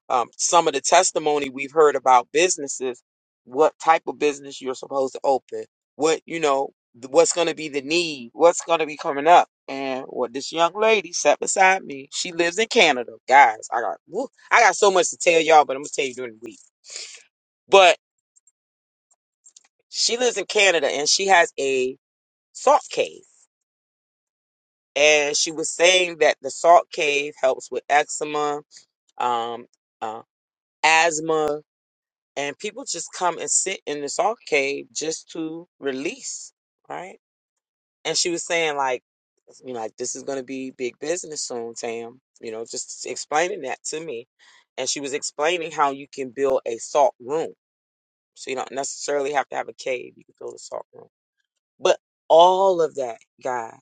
um, some of the testimony we've heard about businesses, what type of business you're supposed to open, what, you know, th- what's going to be the need, what's going to be coming up. And what this young lady sat beside me, she lives in Canada. Guys, I got, woo, I got so much to tell y'all, but I'm going to tell you during the week. But she lives in Canada and she has a salt cave. And she was saying that the salt cave helps with eczema, um, uh, asthma, and people just come and sit in this arcade just to release, right? And she was saying like, you know, like this is going to be big business soon, Tam. You know, just explaining that to me, and she was explaining how you can build a salt room, so you don't necessarily have to have a cave. You can build a salt room, but all of that, guys,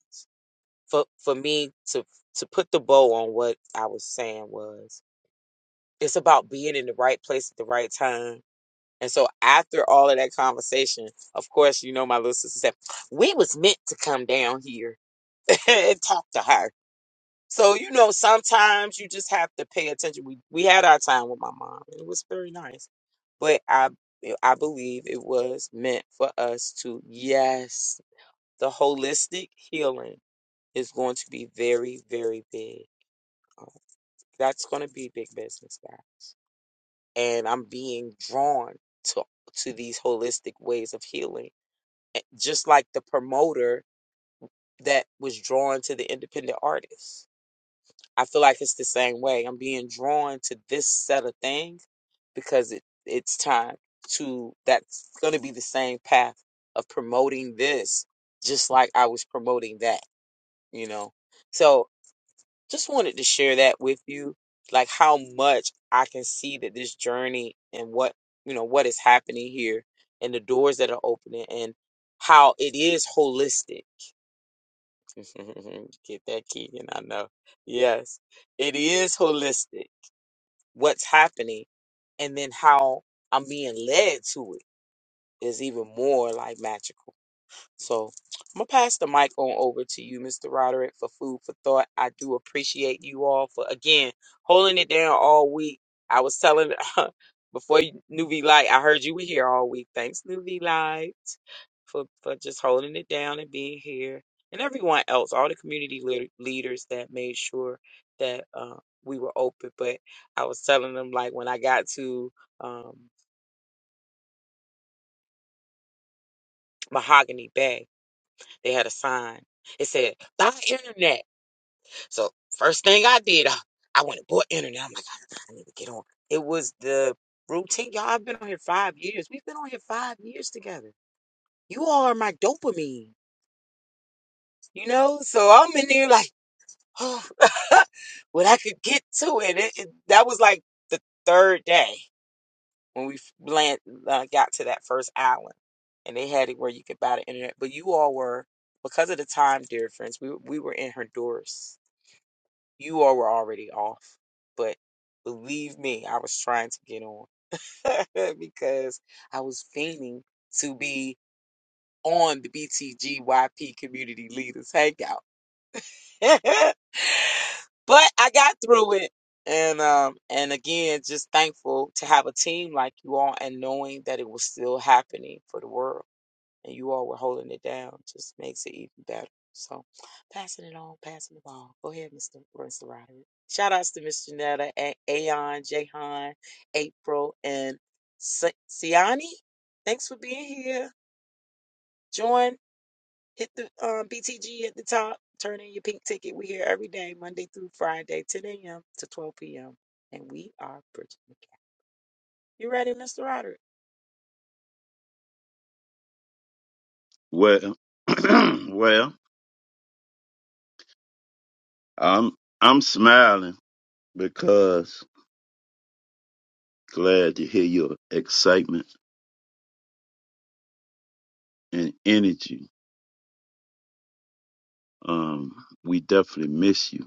for for me to to put the bow on what I was saying was, it's about being in the right place at the right time And so after all of that conversation, of course, you know, my little sister said, we was meant to come down here and talk to her. So, you know, sometimes you just have to pay attention. We, we had our time with my mom. It was very nice. But I, I believe it was meant for us to, yes, the holistic healing is going to be very, very big. Uh, That's going to be big business, guys. And I'm being drawn to, to these holistic ways of healing eh, just like the promoter that was drawn to the independent artist. I feel like it's the same way. I'm being drawn to this set of things because it, it's time to, that's going to be the same path of promoting this, just like I was promoting that, you know? So just wanted to share that with you, like how much I can see that this journey and what, you know, what is happening here and the doors that are opening and how it is holistic Get that Keegan, I know. Yes, it is holistic. What's happening and then how I'm being led to it is even more like magical. So I'm gonna pass the mic on over to you, Mr. Roderick, for food for thought. I do appreciate you all for again holding it down all week. I was telling before you- New V Light, I heard you were here all week. Thanks, New V Light, for for just holding it down and being here, and everyone else, all the community leader, leaders that made sure that uh, we were open. But I was telling them like when I got to um, Mahogany Bay, they had a sign. It said, "Buy internet." So first thing I did, I, I went and bought internet. I'm like, I, I need to get on. It was the routine. Y'all, I've been on here five years. We've been on here five years together. You all are my dopamine, you know? So I'm in there like, oh, when I could get to it, it, it- that was like the third day when we f- land, uh, got to that first island. And they had it where you could buy the internet. But you all were, because of the time difference, we, we were in Honduras You all were already off, but believe me, I was trying to get on because I was feigning to be on the BTGYP community leaders hangout. but I got through it. And um and again, just thankful to have a team like you all and knowing that it was still happening for the world and you all were holding it down just makes it even better. So passing it on, passing the ball. Go ahead, Mr. Mr. Roderick. Shout outs to Miss Janetta, A- Aon, Jahan, April, and Si- Siani. Thanks for being here. Join, hit the um, BTG at the top, turn in your pink ticket. we are here every day, Monday through Friday, 10 a.m. to 12 p.m. And we are bridging the gap. You ready, Mr. Roderick? Well, well, I'm I'm smiling because glad to hear your excitement and energy. Um, we definitely miss you.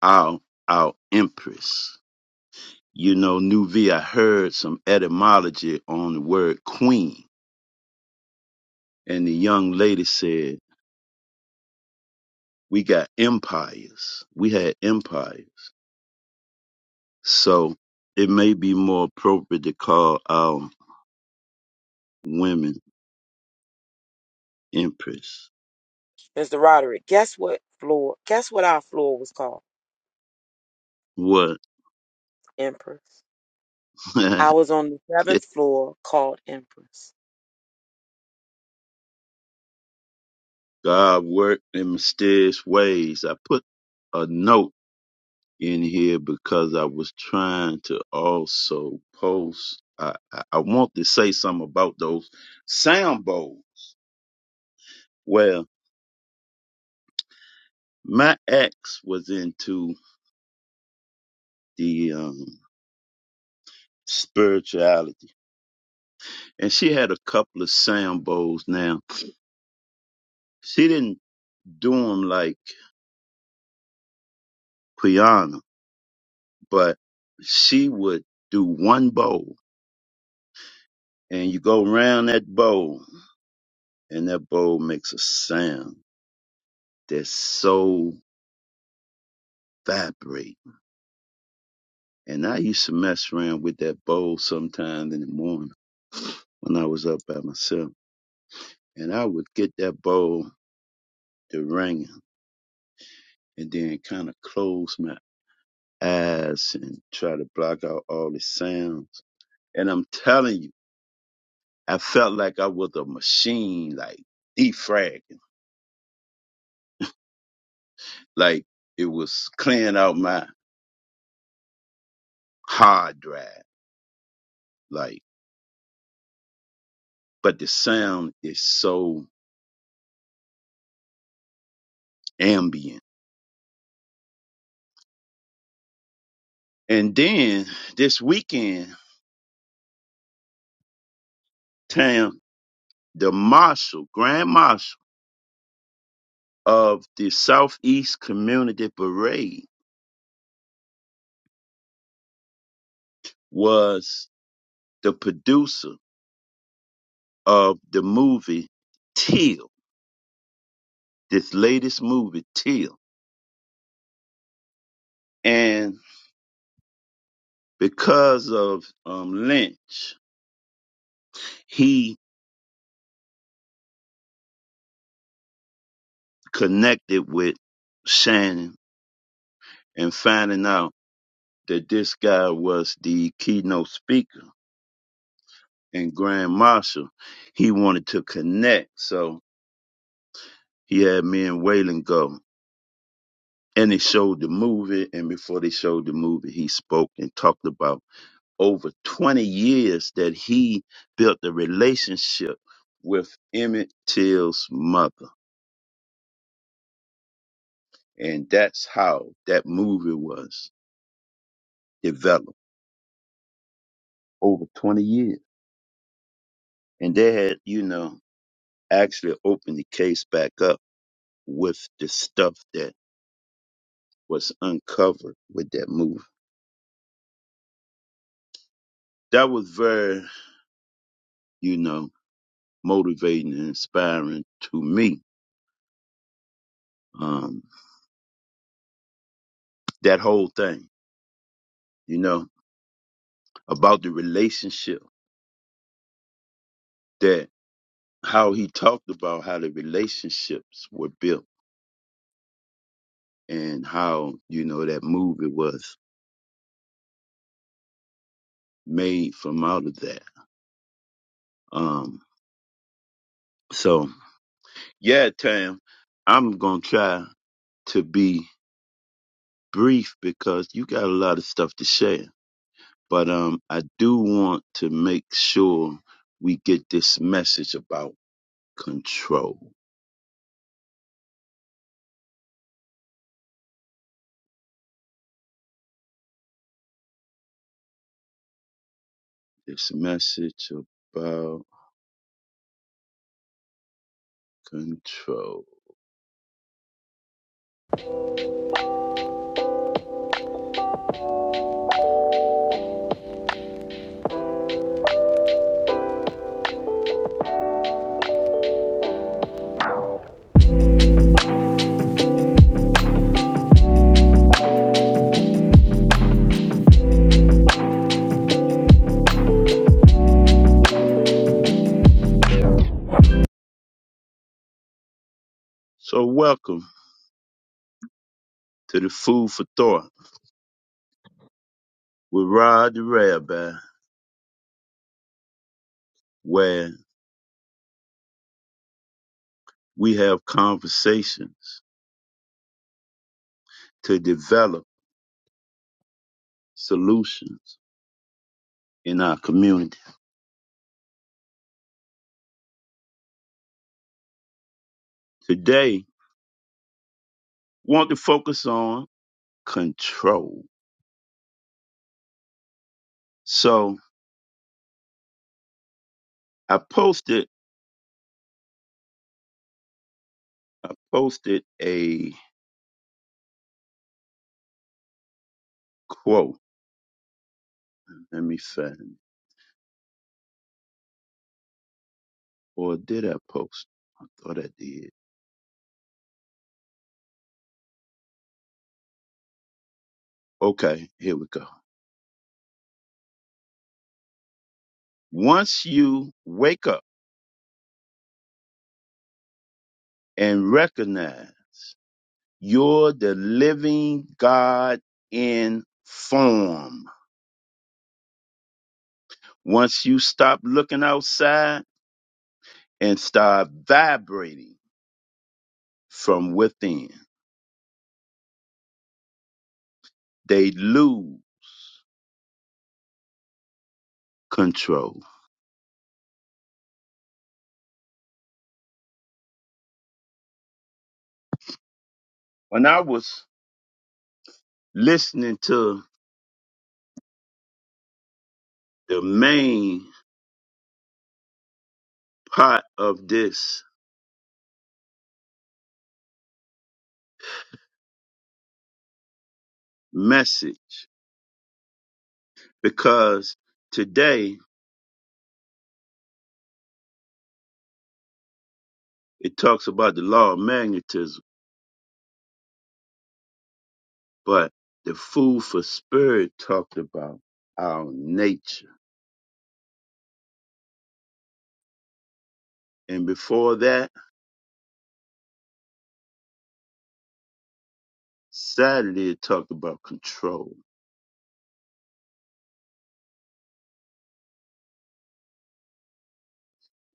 Our our empress. You know, Nuvi. I heard some etymology on the word queen, and the young lady said. We got empires. We had empires. So it may be more appropriate to call our women empress. Mr. Roderick, guess what floor? Guess what our floor was called? What? Empress. I was on the seventh floor called Empress. God worked in mysterious ways. I put a note in here because I was trying to also post. I, I, I want to say something about those sound bowls. Well, my ex was into the um, spirituality and she had a couple of sambos now she didn't do them like Quiana, but she would do one bowl and you go around that bowl and that bowl makes a sound that's so vibrating and i used to mess around with that bowl sometime in the morning when i was up by myself and i would get that bowl to ringing and then kind of close my eyes and try to block out all the sounds And I'm telling you, I felt like I was a machine, like defragging, like it was clearing out my hard drive, like, but the sound is so ambient. And then this weekend, Tam, the marshal, grand marshal of the Southeast Community Parade was the producer of the movie Till, this latest movie, Till. and. Because of um, Lynch, he connected with Shannon and finding out that this guy was the keynote speaker and Grand Marshal. He wanted to connect, so he had me and Waylon go. And they showed the movie, and before they showed the movie, he spoke and talked about over 20 years that he built a relationship with Emmett Till's mother. And that's how that movie was. developed over 20 years. And they had, you know, actually opened the case back up with the stuff that was uncovered with that movie. That was very, you know, motivating and inspiring to me. Um, that whole thing, you know, about the relationship that how he talked about how the relationships were built and how, you know, that movie was made from out of that. Um, so Yeah, Tam, I'm gonna try to be brief because you got a lot of stuff to share. But um, I do want to make sure we get this message about control. This message about control. So welcome to the Food for Thought with Rod the Rabbi, where we have conversations to develop solutions in our community. Today, want to focus on control. So I posted I posted a quote. Let me find it. Or did I post? I thought I did. Okay, here we go. Once you wake up and recognize you're the living God in form. Once you stop looking outside and start vibrating from within, they lose control. When I was listening to the main part of this message because today it talks about the law of magnetism, but the food for spirit talked about our nature. And before that, Saturday it talked about control.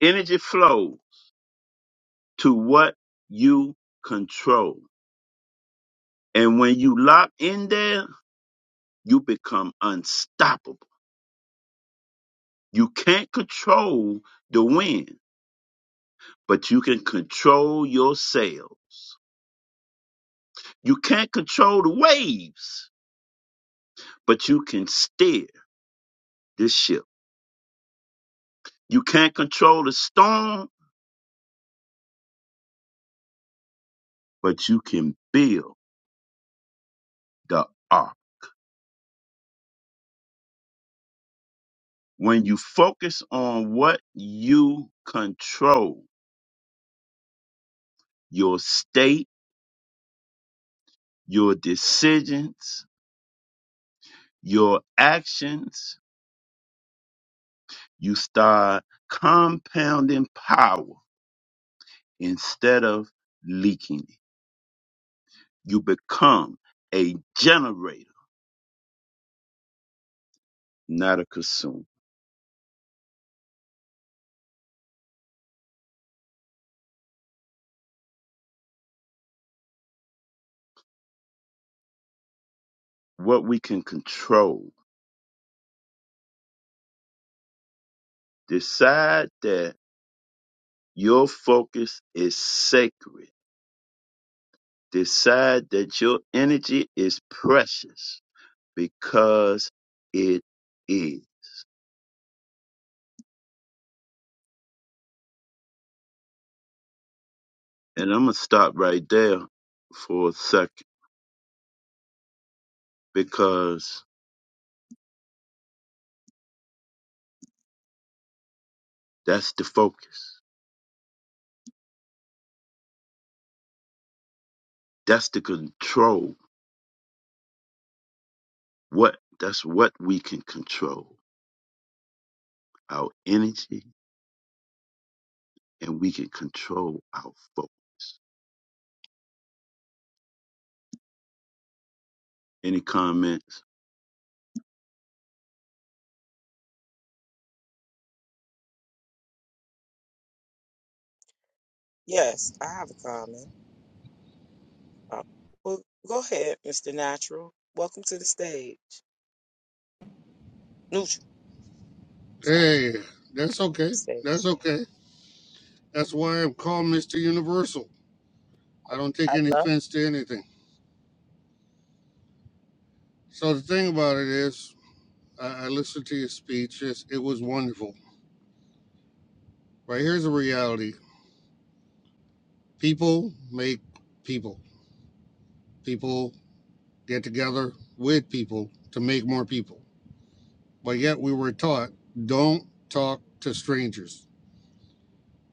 Energy flow to what you control. And when you lock in there, you become unstoppable. You can't control the wind but you can control your sails. You can't control the waves, but you can steer this ship. You can't control the storm, but you can build the ark. When you focus on what you control, your state, your decisions, your actions, you start compounding power instead of leaking it. You become a generator not a consume. What we can control. Decide that your focus is sacred. Decide that your energy is precious because it is. And I'm going to stop right there for a second because that's the focus. That's the control. What that's what we can control. Our energy and we can control our focus. Any comments? Yes, I have a comment. Uh, well, go ahead, Mr. Natural. Welcome to the stage. Neutral. Sorry, Hey, that's okay. stage. That's okay. That's why I'm called Mr. Universal. I don't I take any love. offense to anything. So the thing about it is, I, I listened to your speech. It's, it was wonderful. Right here's the reality: people make people. People get together with people to make more people. But yet we were taught don't talk to strangers.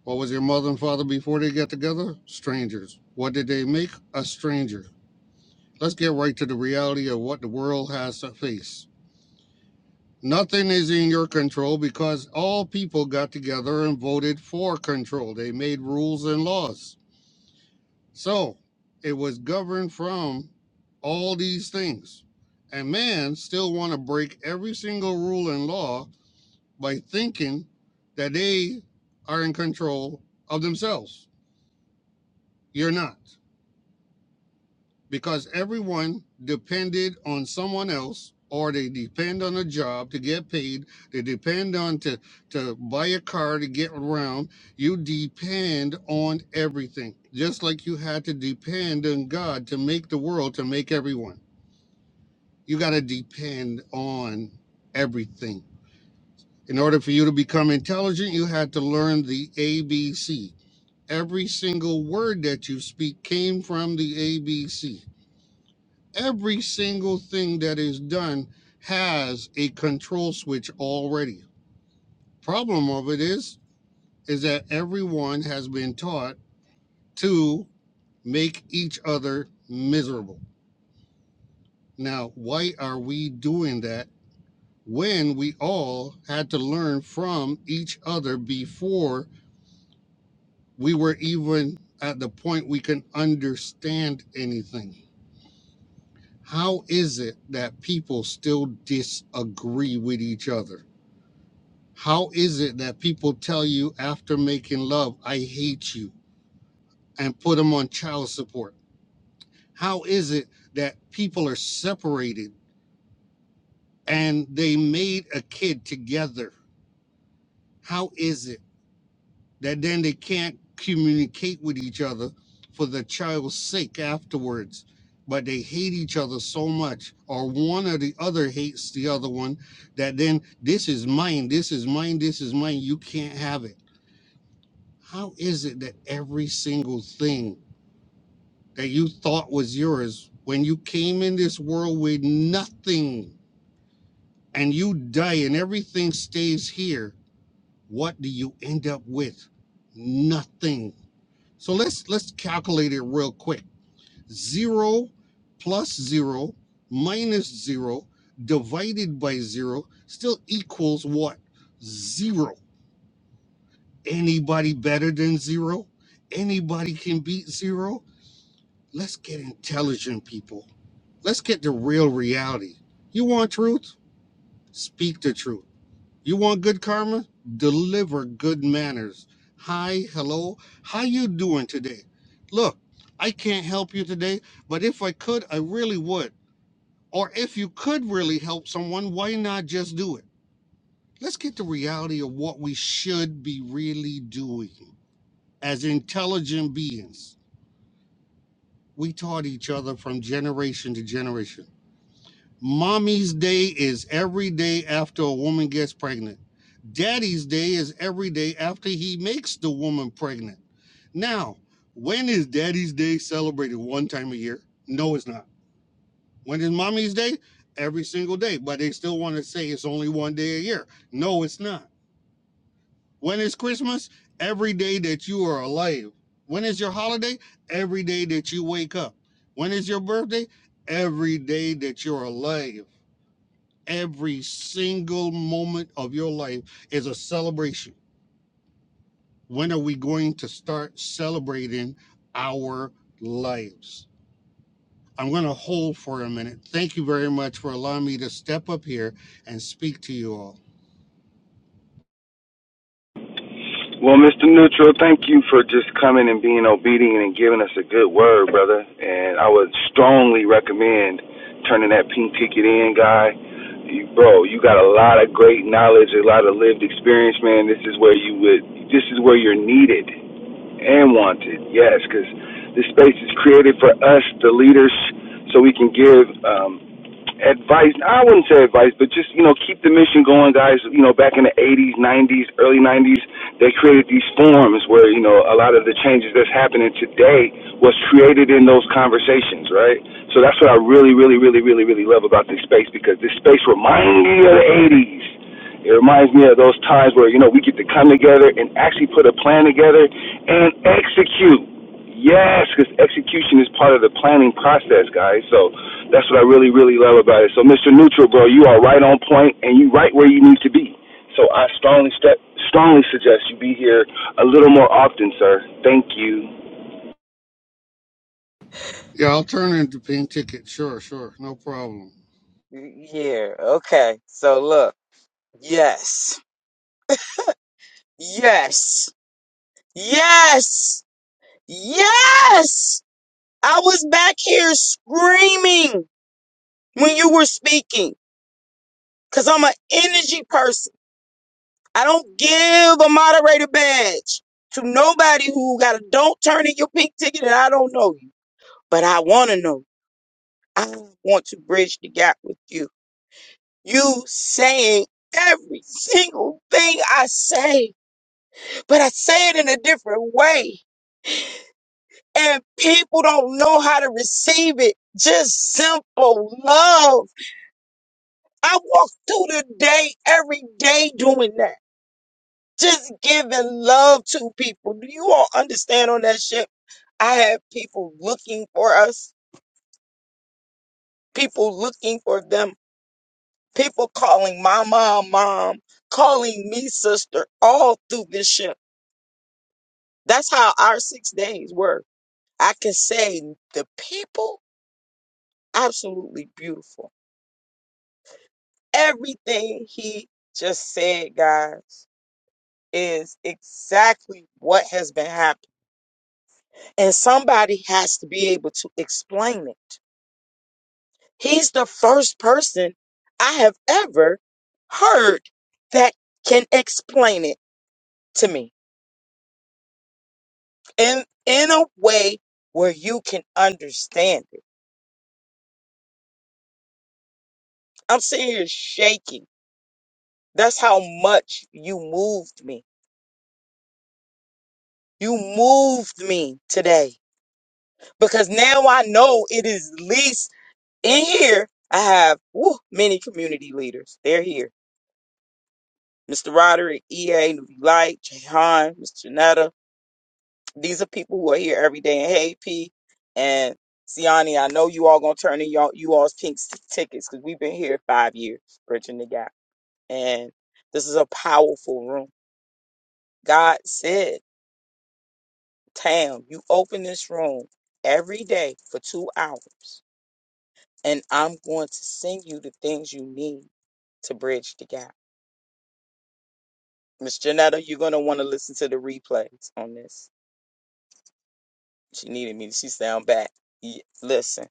What was your mother and father before they got together? Strangers. What did they make? A stranger. Let's get right to the reality of what the world has to face. Nothing is in your control because all people got together and voted for control. They made rules and laws. So it was governed from all these things. And man still want to break every single rule and law by thinking that they are in control of themselves. You're not. because everyone depended on someone else or they depend on a job to get paid they depend on to to buy a car to get around you depend on everything just like you had to depend on god to make the world to make everyone you got to depend on everything in order for you to become intelligent you had to learn the abc every single word that you speak came from the abc Every single thing that is done has a control switch already. Problem of it is is that everyone has been taught to make each other miserable. Now, why are we doing that when we all had to learn from each other before we were even at the point we can understand anything? How is it that people still disagree with each other? How is it that people tell you after making love, I hate you, and put them on child support? How is it that people are separated and they made a kid together? How is it that then they can't communicate with each other for the child's sake afterwards? But they hate each other so much, or one or the other hates the other one, that then this is mine, this is mine, this is mine, you can't have it How is it that every single thing that you thought was yours when you came in this world with nothing and you die and everything stays here, what do you end up with? Nothing. So let's let's calculate it real quick. 0 plus 0 minus 0 divided by 0 still equals what? 0. Anybody better than 0? Anybody can beat 0? Let's get intelligent people. Let's get the real reality. You want truth? Speak the truth. You want good karma? Deliver good manners. Hi, hello. How you doing today? Look, I can't help you today, but if I could, I really would. Or if you could really help someone, why not just do it? Let's get the reality of what we should be really doing as intelligent beings. We taught each other from generation to generation. Mommy's day is every day after a woman gets pregnant. Daddy's day is every day after he makes the woman pregnant. Now, when is Daddy's Day celebrated? One time a year? No, it's not. When is Mommy's Day? Every single day, but they still want to say it's only one day a year. No, it's not. When is Christmas? Every day that you are alive. When is your holiday? Every day that you wake up. When is your birthday? Every day that you're alive. Every single moment of your life is a celebration. When are we going to start celebrating our lives? I'm going to hold for a minute. Thank you very much for allowing me to step up here and speak to you all. Well, Mr. Neutral, thank you for just coming and being obedient and giving us a good word, brother. And I would strongly recommend turning that pink ticket in, guy. You, bro, you got a lot of great knowledge, a lot of lived experience, man. This is where you would, this is where you're needed and wanted. Yes, because this space is created for us, the leaders, so we can give. Um, advice. I wouldn't say advice, but just you know, keep the mission going, guys. You know, back in the '80s, '90s, early '90s, they created these forums where you know a lot of the changes that's happening today was created in those conversations, right? So that's what I really, really, really, really, really love about this space because this space reminds me of the '80s. It reminds me of those times where you know we get to come together and actually put a plan together and execute. Yes, because execution is part of the planning process, guys. So that's what I really, really love about it. So, Mr. Neutral, bro, you are right on point and you right where you need to be. So, I strongly, st- strongly suggest you be here a little more often, sir. Thank you. Yeah, I'll turn into pink ticket. Sure, sure. No problem. Yeah, okay. So look. Yes. Yes. Yes. Yes. I was back here screaming when you were speaking cuz I'm an energy person. I don't give a moderator badge to nobody who got a don't turn in your pink ticket and I don't know you. But I want to know. I want to bridge the gap with you. You saying every single thing I say, but I say it in a different way. And people don't know how to receive it. Just simple love. I walk through the day every day doing that. Just giving love to people. Do you all understand on that ship? I had people looking for us, people looking for them, people calling my mom mom, calling me sister, all through this ship. That's how our six days were. I can say the people, absolutely beautiful. Everything he just said, guys, is exactly what has been happening. And somebody has to be able to explain it. He's the first person I have ever heard that can explain it to me in in a way where you can understand it. I'm sitting here shaking. That's how much you moved me. You moved me today because now I know it is least in here. I have woo, many community leaders. They're here. Mr. Roderick, EA, Newbie Light, Jahan, Mr. Janetta, These are people who are here every day. And hey, P and Siani, I know you all gonna turn in y'all you all's pink t- tickets because we've been here five years bridging the gap, and this is a powerful room. God said, "Tam, you open this room every day for two hours, and I'm going to send you the things you need to bridge the gap." Miss Janetta, you're gonna want to listen to the replays on this. She needed me. She sound back. Ye- Listen,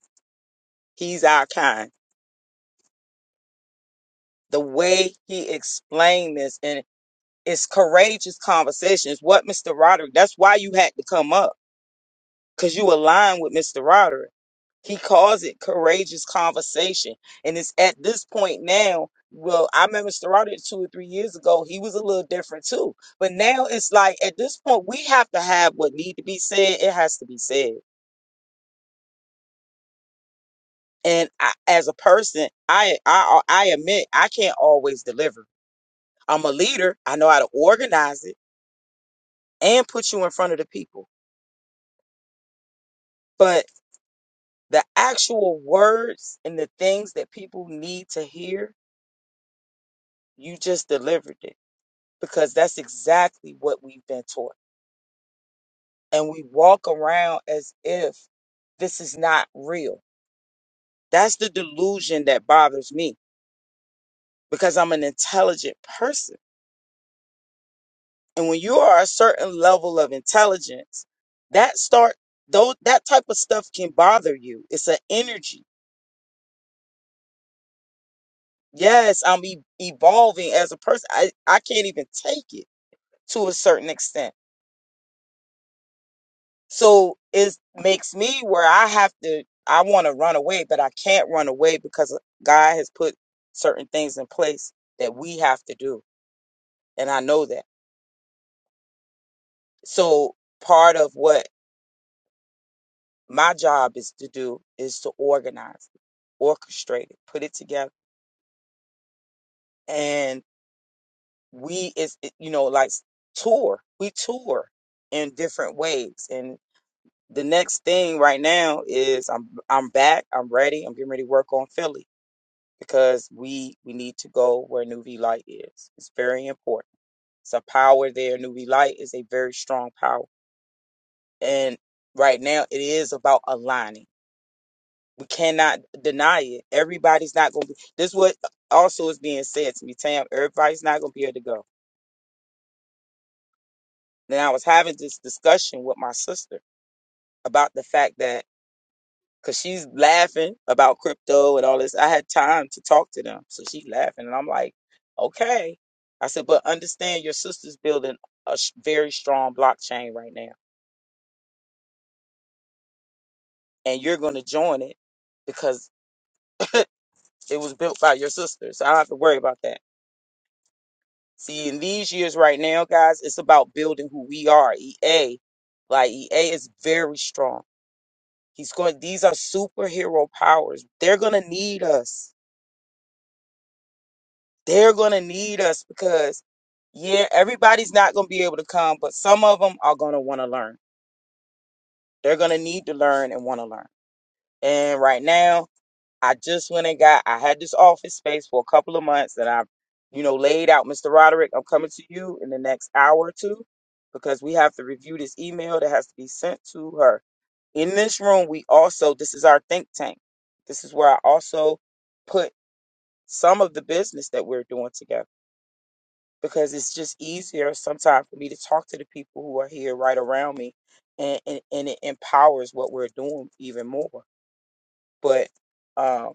he's our kind. the way he explained this and it's courageous conversations. What Mr. Roderick, that's why you had to come up because you align with Mr. Roderick. He calls it courageous conversation. And it's at this point now. Well, I met Mr. Roderick two or three years ago. He was a little different too. But now it's like at this point, we have to have what need to be said. It has to be said. And I, as a person, I, I I admit I can't always deliver. I'm a leader. I know how to organize it. and put you in front of the people. But the actual words and the things that people need to hear, you just delivered it because that's exactly what we've been taught. And we walk around as if this is not real. That's the delusion that bothers me because I'm an intelligent person. And when you are a certain level of intelligence, that start though that type of stuff can bother you. It's an energy Yes, I'm e- evolving as a person. I, I can't even take it to a certain extent. So it makes me where I have to, I want to run away, but I can't run away because God has put certain things in place that we have to do. And I know that. So part of what my job is to do is to organize, it, orchestrate it, put it together. And we is, you know, like tour, we tour in different ways. and. the next thing right now is I'm I'm back. I'm ready. I'm getting ready to work on Philly because we we need to go where New V Light is. It's very important. It's a power there. New V Light is a very strong power, and right now it is about aligning. We cannot deny it. Everybody's not going to be. This is what also is being said to me, Tam. Everybody's not going to be able to go. then I was having this discussion with my sister about the fact that because she's laughing about crypto and all this. I had time to talk to them, so she's laughing, and I'm like, okay. I said, but understand your sister's building a sh- very strong blockchain right now, and you're going to join it because it was built by your sister, so I don't have to worry about that. See, in these years right now, guys, it's about building who we are. EA, like EA, is very strong. He's going. These are superhero powers. They're going to need us They're going to need us because, yeah, everybody's not going to be able to come, but some of them are going to want to learn. They're going to need to learn and want to learn. And right now, I just went and got, I had this office space for a couple of months and I've, you know, laid out, Mr. Roderick, I'm coming to you in the next hour or two because we have to review this email that has to be sent to her. In this room, we also, this is our think tank. This is where I also put some of the business that we're doing together because it's just easier sometimes for me to talk to the people who are here right around me and, and, and it empowers what we're doing even more. But um,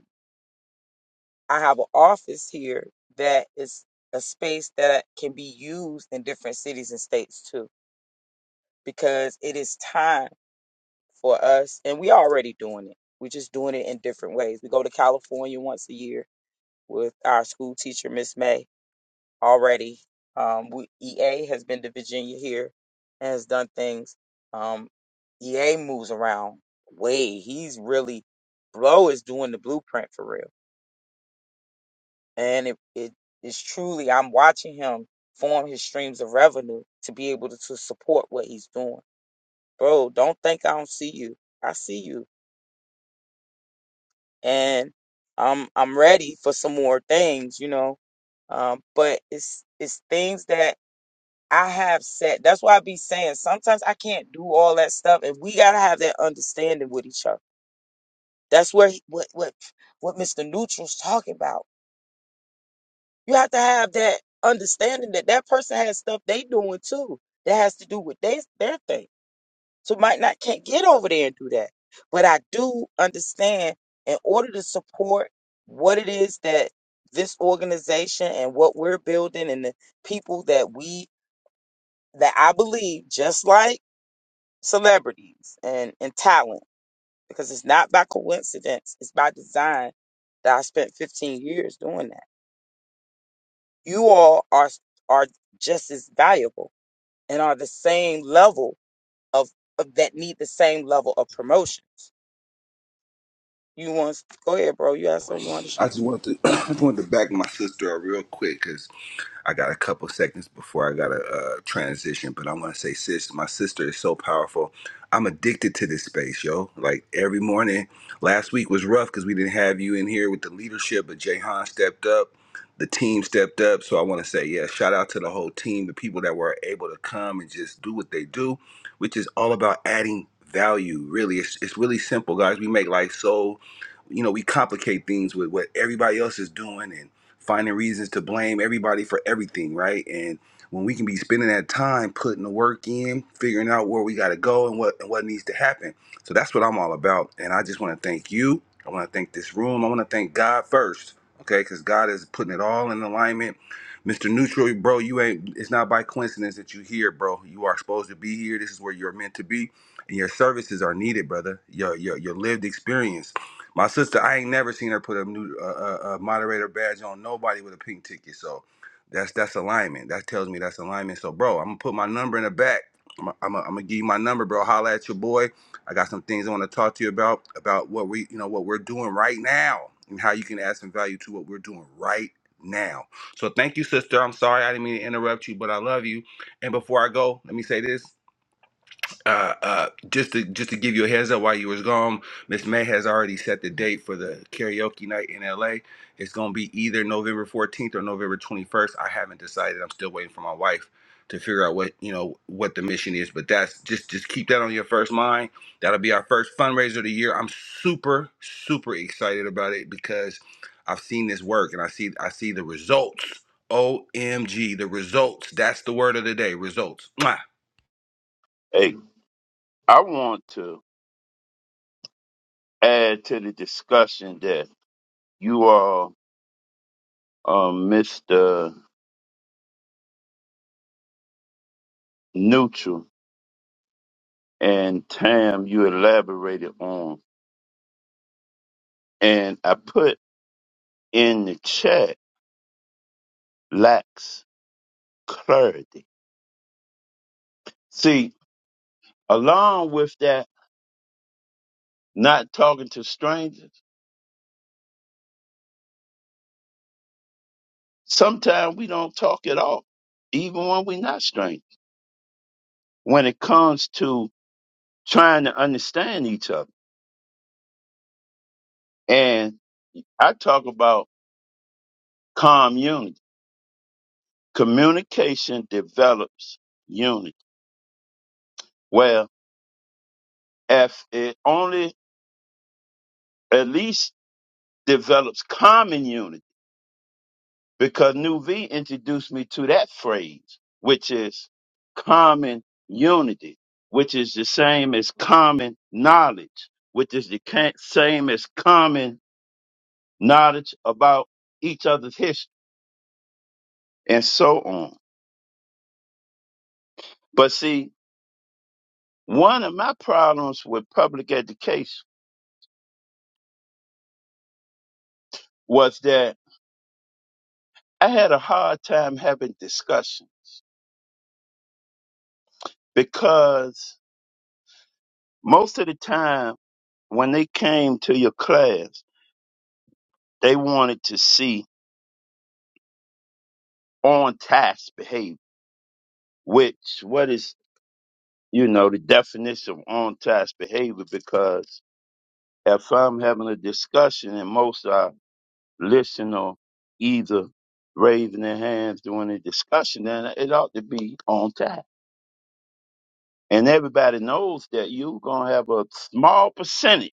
I have an office here that is a space that can be used in different cities and states too, because it is time for us, and we already doing it. We're just doing it in different ways. We go to California once a year with our school teacher, Miss May already. Um, we, EA has been to Virginia here and has done things. Um, EA moves around way. He's really Blow is doing the blueprint for real, and it it is truly. I'm watching him form his streams of revenue to be able to, to support what he's doing. Bro, don't think I don't see you. I see you, and I'm I'm ready for some more things, you know. Um, but it's it's things that I have said that's why I be saying sometimes I can't do all that stuff, and we gotta have that understanding with each other. That's where he, what what what Mr. Neutral's talking about. You have to have that understanding that that person has stuff they doing too that has to do with they, their thing. So might not can't get over there and do that, but I do understand in order to support what it is that this organization and what we're building and the people that we that I believe just like. celebrities and, and talent because it's not by coincidence. It's by design that I spent 15 years doing that. You all are are just as valuable and are the same level of, of that need the same level of promotions. You want go ahead, bro. You asked something you want to. Sh- Hey, I want to add to the discussion that you are uh, Mr. Neutral and Tam, you elaborated on. And I put in the chat lacks clarity. See, along with that, not talking to strangers, sometimes we don't talk at all, even when we're not strangers, when it comes to trying to understand each other. And I talk about communion. communication develops unity. Well, if it only at least develops common unity, because New V introduced me to that phrase, which is common unity, which is the same as common knowledge, which is the ca- same as common knowledge about each other's history and so on. But see, one of my problems with public education was that I had a hard time having discussion because most of the time when they came to your class, they wanted to see on task behavior, which what is, you know, the definition of on task behavior because if I'm having a discussion and most are listening or either raising their hands during the discussion, then it ought to be on task. And everybody knows that you're going to have a small percentage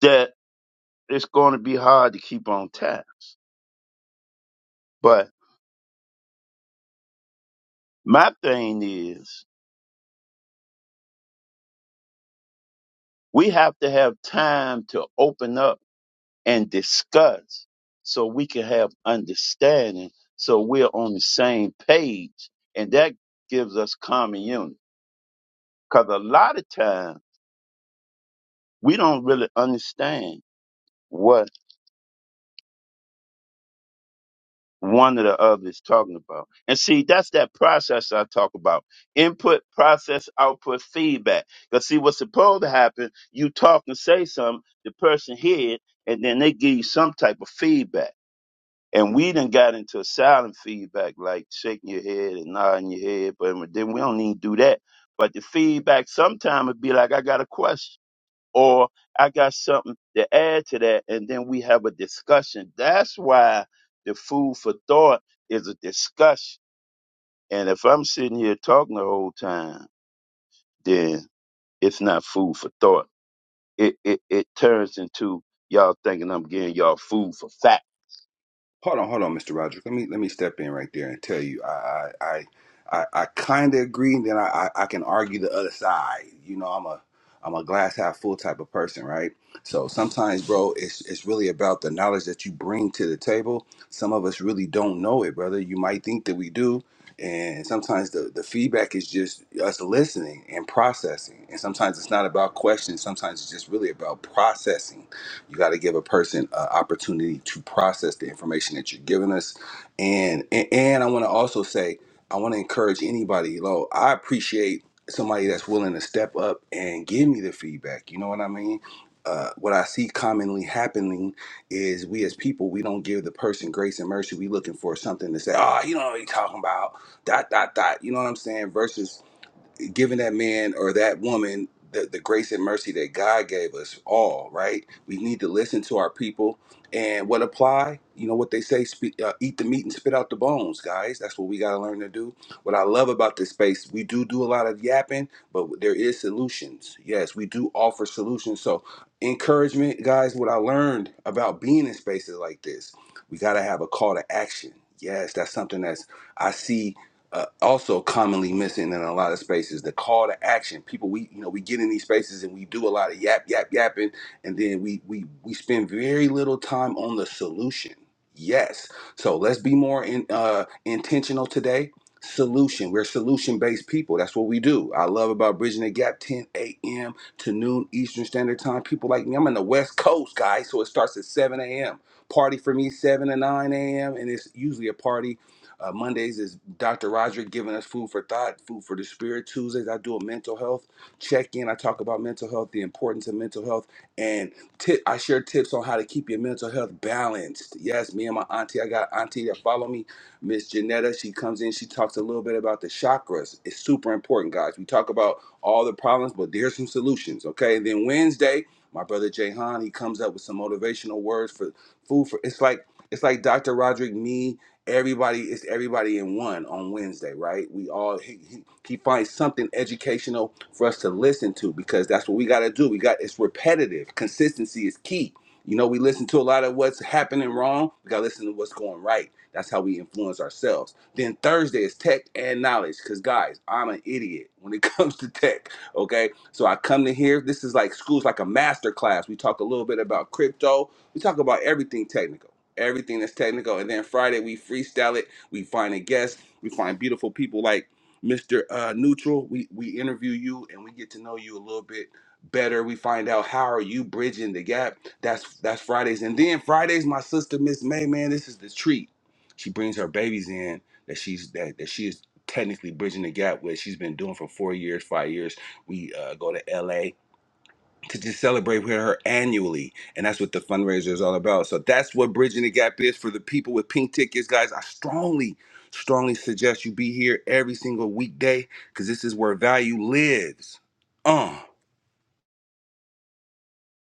that. it's going to be hard to keep on task. But my thing is, we have to have time to open up and discuss so we can have understanding so we're on the same page. And that gives us common unity. Because a lot of times we don't really understand what one or the other is talking about. And see, that's that process I talk about. Input, process, output, feedback. Because see, what's supposed to happen, you talk and say something, the person hear it, and then they give you some type of feedback. And we done got into silent feedback, like shaking your head and nodding your head, but then we don't need to do that. But the feedback sometimes would be like, I got a question or I got something to add to that, and then we have a discussion. That's why the food for thought is a discussion. And if I'm sitting here talking the whole time, then it's not food for thought. It it, it turns into y'all thinking I'm getting y'all food for fat.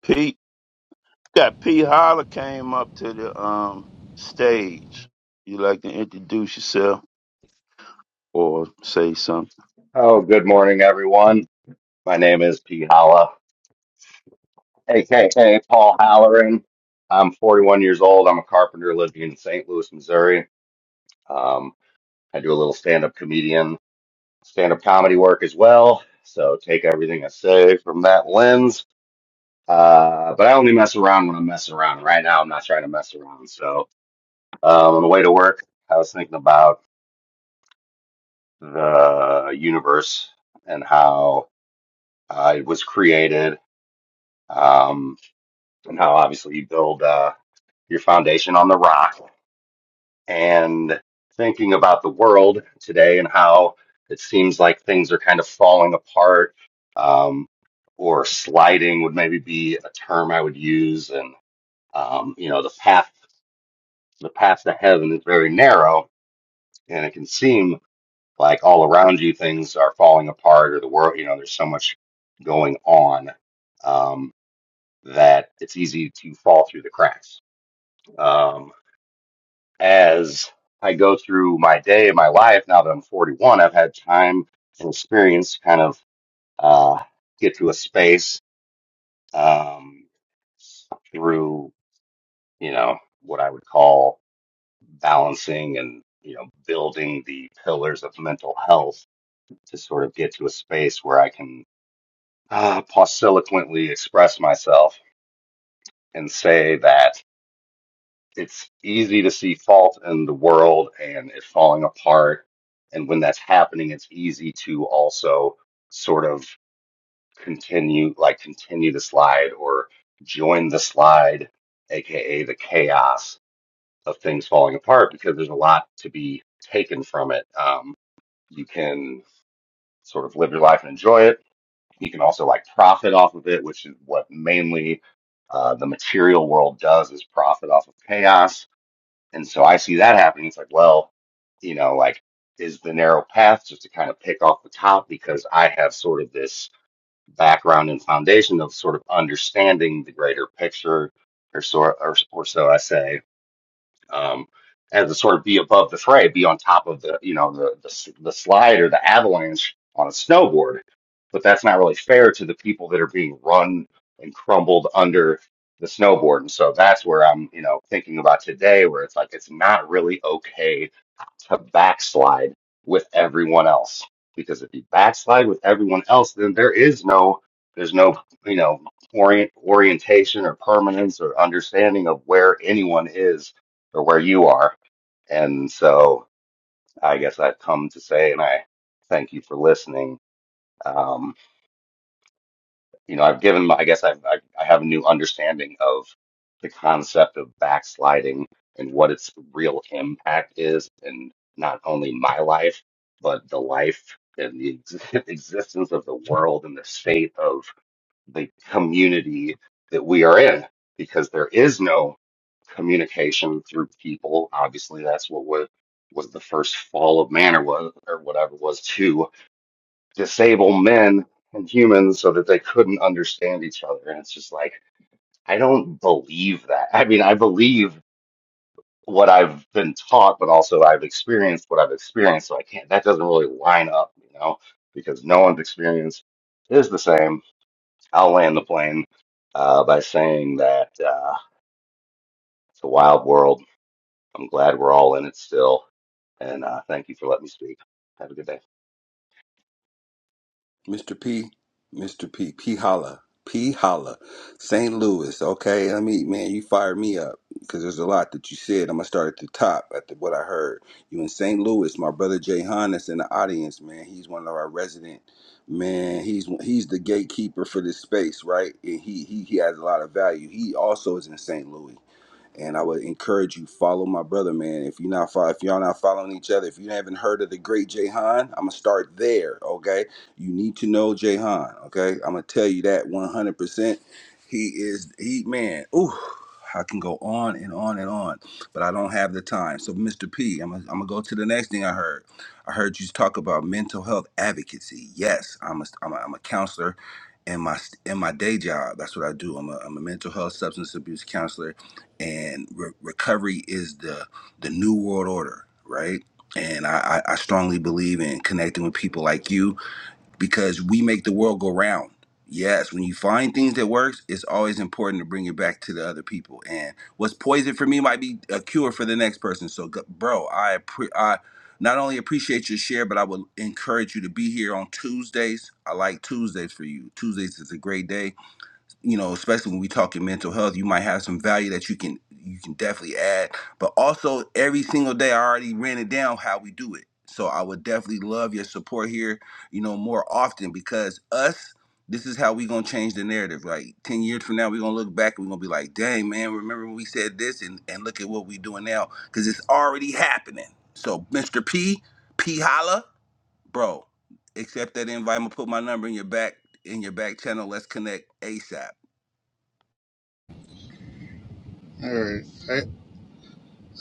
Pete that Pete Holler came up to the um stage. You like to introduce yourself or say something? Oh, good morning, everyone. My name is P. Holla, aka Paul Halloran. I'm 41 years old. I'm a carpenter living in St. Louis, Missouri. Um, I do a little stand-up comedian, stand-up comedy work as well. So take everything I say from that lens. Uh, but I only mess around when I am messing around. Right now, I'm not trying to mess around. So um, on the way to work, I was thinking about the universe and how uh, it was created. Um, and how obviously you build uh, your foundation on the rock and thinking about the world today and how it seems like things are kind of falling apart um, or sliding would maybe be a term I would use and um, you know the path the path to heaven is very narrow and it can seem like all around you things are falling apart or the world you know there's so much going on um, that it's easy to fall through the cracks Um, as I go through my day, my life, now that I'm 41, I've had time and experience to kind of uh, get to a space um, through, you know, what I would call balancing and, you know, building the pillars of mental health to sort of get to a space where I can uh, posiliquently express myself and say that. it's easy to see fault in the world and it falling apart. And when that's happening, it's easy to also sort of continue, like continue the slide or join the slide, aka the chaos of things falling apart, because there's a lot to be taken from it. Um, you can sort of live your life and enjoy it. You can also like profit off of it, which is what mainly uh, the material world does is profit off of chaos and so I see that happening. It's like, well, you know, like, is the narrow path just to kind of pick off the top because I have sort of this background and foundation of sort of understanding the greater picture, or so, or, or so I say um, and to sort of be above the fray, be on top of the you know the the, s- the slide or the avalanche on a snowboard. But that's not really fair to the people that are being run and crumbled under the snowboard. And so that's where I'm you know thinking about today, where it's like it's not really okay to backslide with everyone else because if you backslide with everyone else, then there is no there's no you know orient orientation or permanence or understanding of where anyone is or where you are. And so I guess I've come to say, and I thank you for listening. Um, you know, I've given, my- I guess I've, I, I have a new understanding of the concept of backsliding and what its real impact is, and not only my life, but the life and the ex- existence of the world and the state of. the community that we are in because there is no communication through people. Obviously, that's what was, was the first fall of man or, was, or whatever was to disable men and humans so that they couldn't understand each other. And it's just like, I don't believe that. I mean, I believe what I've been taught, but also I've experienced what I've experienced. So I can't, that doesn't really line up, you know, because no one's experience is the same I'll land the plane uh, by saying that uh, it's a wild world. I'm glad we're all in it still. And uh, thank you for letting me speak. Have a good day. All right. I,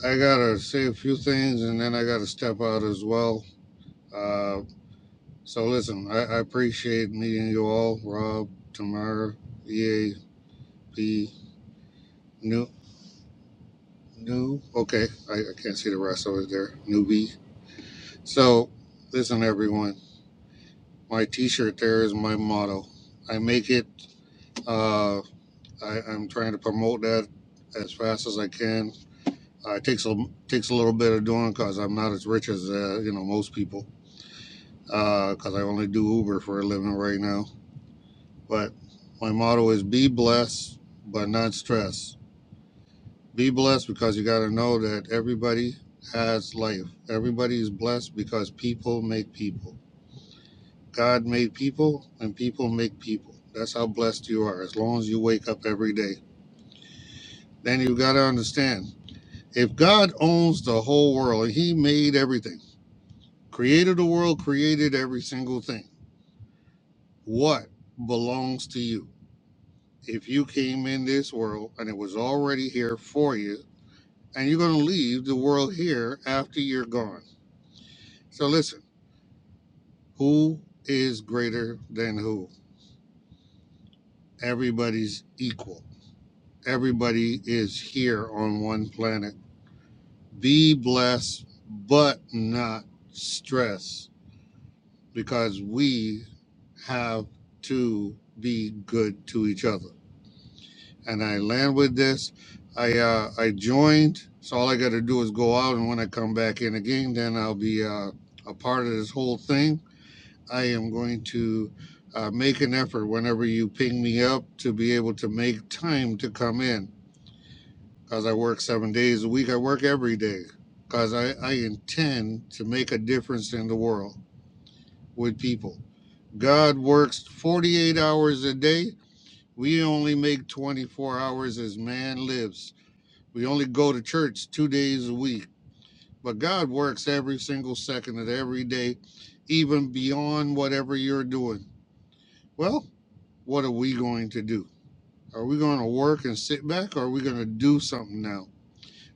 I got to say a few things and then I got to step out as well. Uh, so listen, I, I appreciate meeting you all, Rob, Tamara, EAP, New. Okay, I, I can't see the rest over there. Newbie. So, listen, everyone. My T-shirt there is my motto. I make it. Uh, I, I'm trying to promote that as fast as I can. Uh, it takes a takes a little bit of doing because I'm not as rich as uh, you know most people. Because uh, I only do Uber for a living right now. But my motto is be blessed, but not stressed. Be blessed because you got to know that everybody has life. Everybody is blessed because people make people. God made people and people make people. That's how blessed you are as long as you wake up every day. Then you got to understand if God owns the whole world and He made everything, created the world, created every single thing, what belongs to you? If you came in this world and it was already here for you, and you're going to leave the world here after you're gone. So listen. Who is greater than who? Everybody's equal. Everybody is here on one planet. Be blessed, but not stressed, because we have to be good to each other. And I land with this. I uh, I joined, so all I got to do is go out, and when I come back in again, then I'll be uh, a part of this whole thing I am going to uh, make an effort whenever you ping me up to be able to make time to come in because I work seven days a week. I work every day because I, I intend to make a difference in the world with people. God works 48 hours a day. We only make 24 hours as man lives. We only go to church two days a week. But God works every single second of every day, even beyond whatever you're doing. Well, what are we going to do? Are we going to work and sit back or are we going to do something now?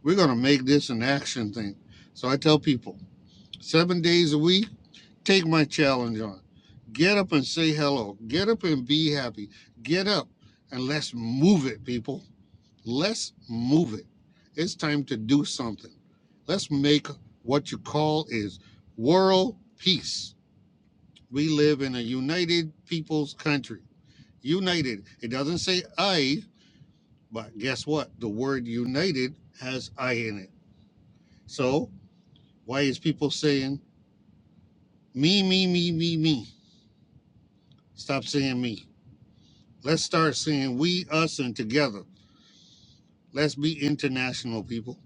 We're going to make this an action thing. So I tell people seven days a week, take my challenge on. Get up and say hello. Get up and be happy. Get up and let's move it, people. Let's move it. It's time to do something. Let's make what you call is world peace. We live in a united people's country. United. It doesn't say I, But guess what? The word united has I in it. So why is people saying me, me, me, me, me? Stop saying me. Let's start saying we, us, and together. Let's be international, people.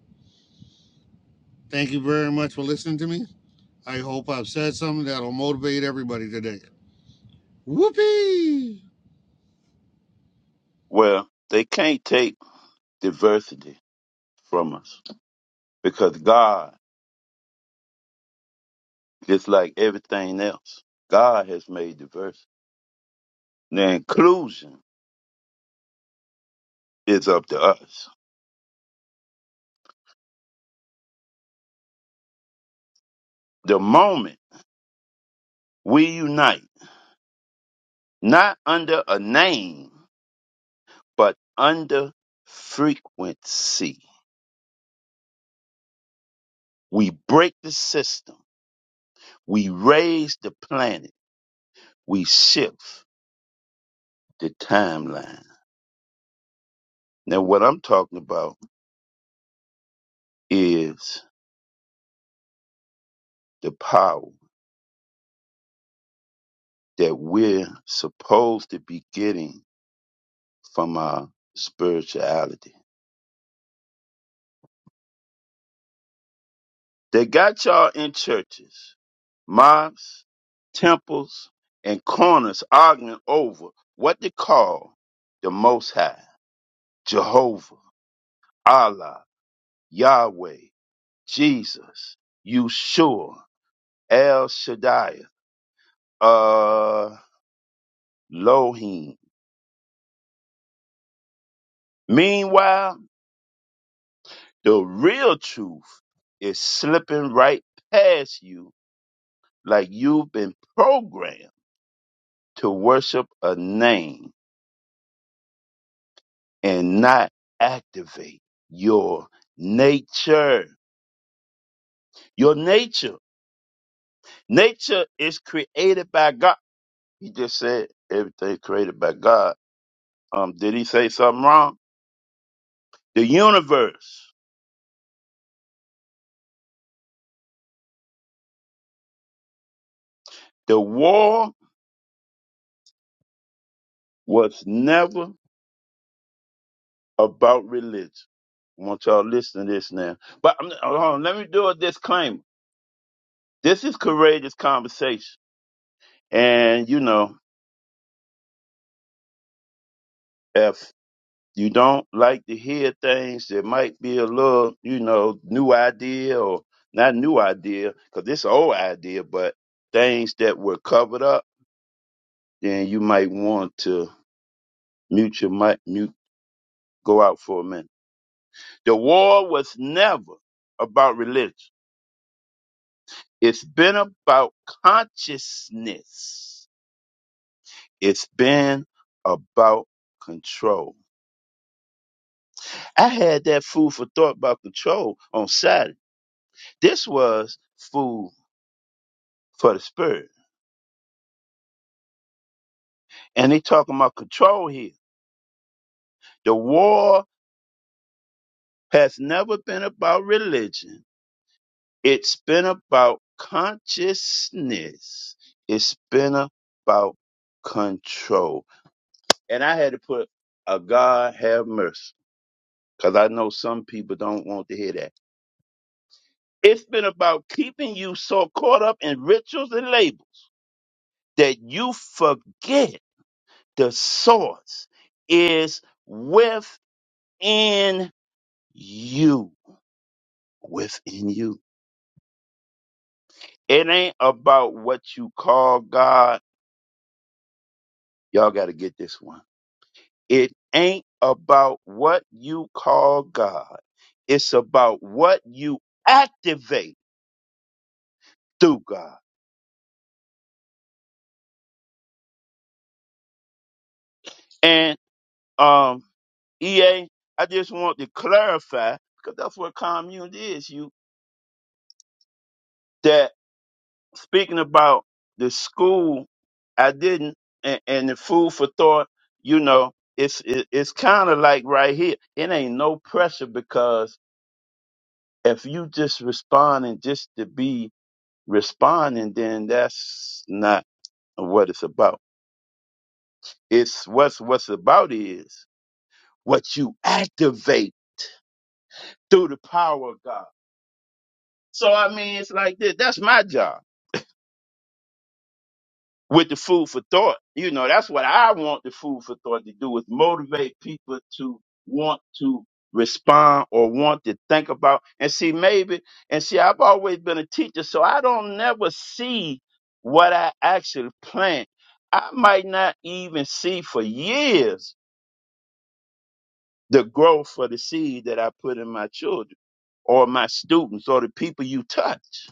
Thank you very much for listening to me. I hope I've said something that'll motivate everybody today. Whoopee! Well, they can't take diversity from us because God, just like everything else, God has made diversity. The inclusion is up to us. The moment we unite, not under a name, but under frequency, we break the system, we raise the planet, we shift the timeline. Now, what I'm talking about is the power that we're supposed to be getting from our spirituality They got y'all in churches, mosques, temples, and corners arguing over what they call the Most High, Jehovah, Allah, Yahweh, Jesus, Yeshua, El Shaddai, uh, Elohim. Meanwhile, the real truth is slipping right past you like you've been programmed to worship a name and not activate your nature. Your nature. Nature is created by God. He just said everything created by God. Um, did he say something wrong? The universe. The war was never about religion. I want y'all to listen to this now. But um, hold on, let me do a disclaimer. This is courageous conversation. And you know, if. you don't like to hear things that might be a little, you know, new idea or not new idea, 'cause it's an old idea, but things that were covered up, then you might want to mute your mic, mute, go out for a minute. The war was never about religion. It's been about consciousness. It's been about control. I had that food for thought about control on Saturday. This was food for the spirit. And they talking about control here. The war has never been about religion. It's been about consciousness. It's been about control. And I had to put a God have mercy. Cause I know some people don't want to hear that. It's been about keeping you so caught up in rituals and labels that you forget the source is within you within you. It ain't about what you call God. Y'all got to get this one. It ain't about what you call God. It's about what you activate through God. And um, EA, I just want to clarify because that's what commune is. You that speaking about the school, I didn't, and, and the food for thought, you know, it's it, it's kind of like right here. It ain't no pressure because if you just responding just to be responding, then that's not what it's about. It's what's what's about is what you activate through the power of God. So I mean, it's like this. That's my job. with the food for thought. You know, that's what I want the food for thought to do is motivate people to want to respond or want to think about and see maybe and see I've always been a teacher, so I don't never see what I actually plant. I might not even see for years the growth for the seed that I put in my children or my students or the people you touch.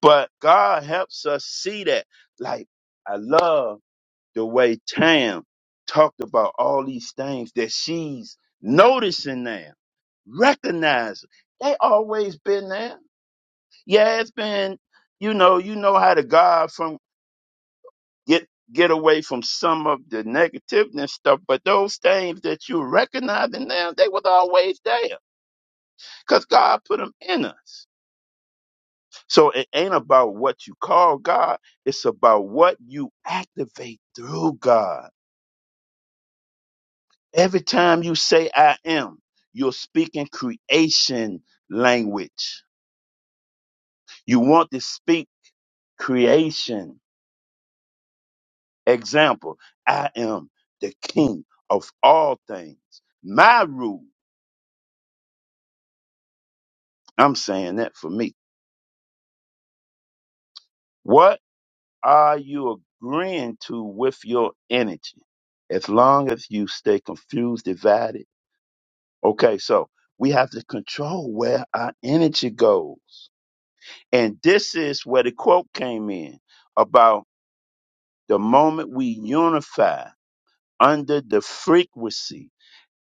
But God helps us see that. Like I love the way Tam talked about all these things that she's noticing now, recognizing. They always been there. Yeah, it's been, you know, you know how to God from get get away from some of the negativity and stuff, but those things that you recognizing now, they was always there. Because God put them in us. So it ain't about what you call God, it's about what you activate through God. Every time you say I am, you're speaking creation language. You want to speak creation. Example, I am the king of all things. My rule, I'm saying that for me. What are you agreeing to with your energy? As long as you stay confused, divided. Okay, so we have to control where our energy goes. And this is where the quote came in about The moment we unify under the frequency,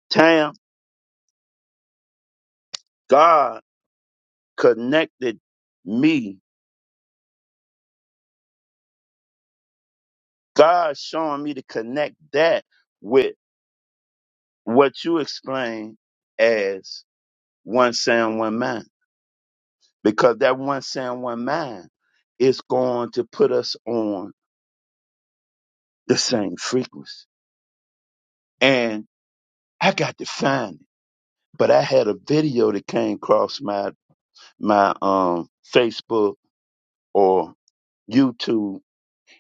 Tam, God connected me. God showing me to connect that with what you explain as one sound, one mind. Because that one sound, one mind is going to put us on the same frequency. And I got to find it. But I had a video that came across my my um Facebook or YouTube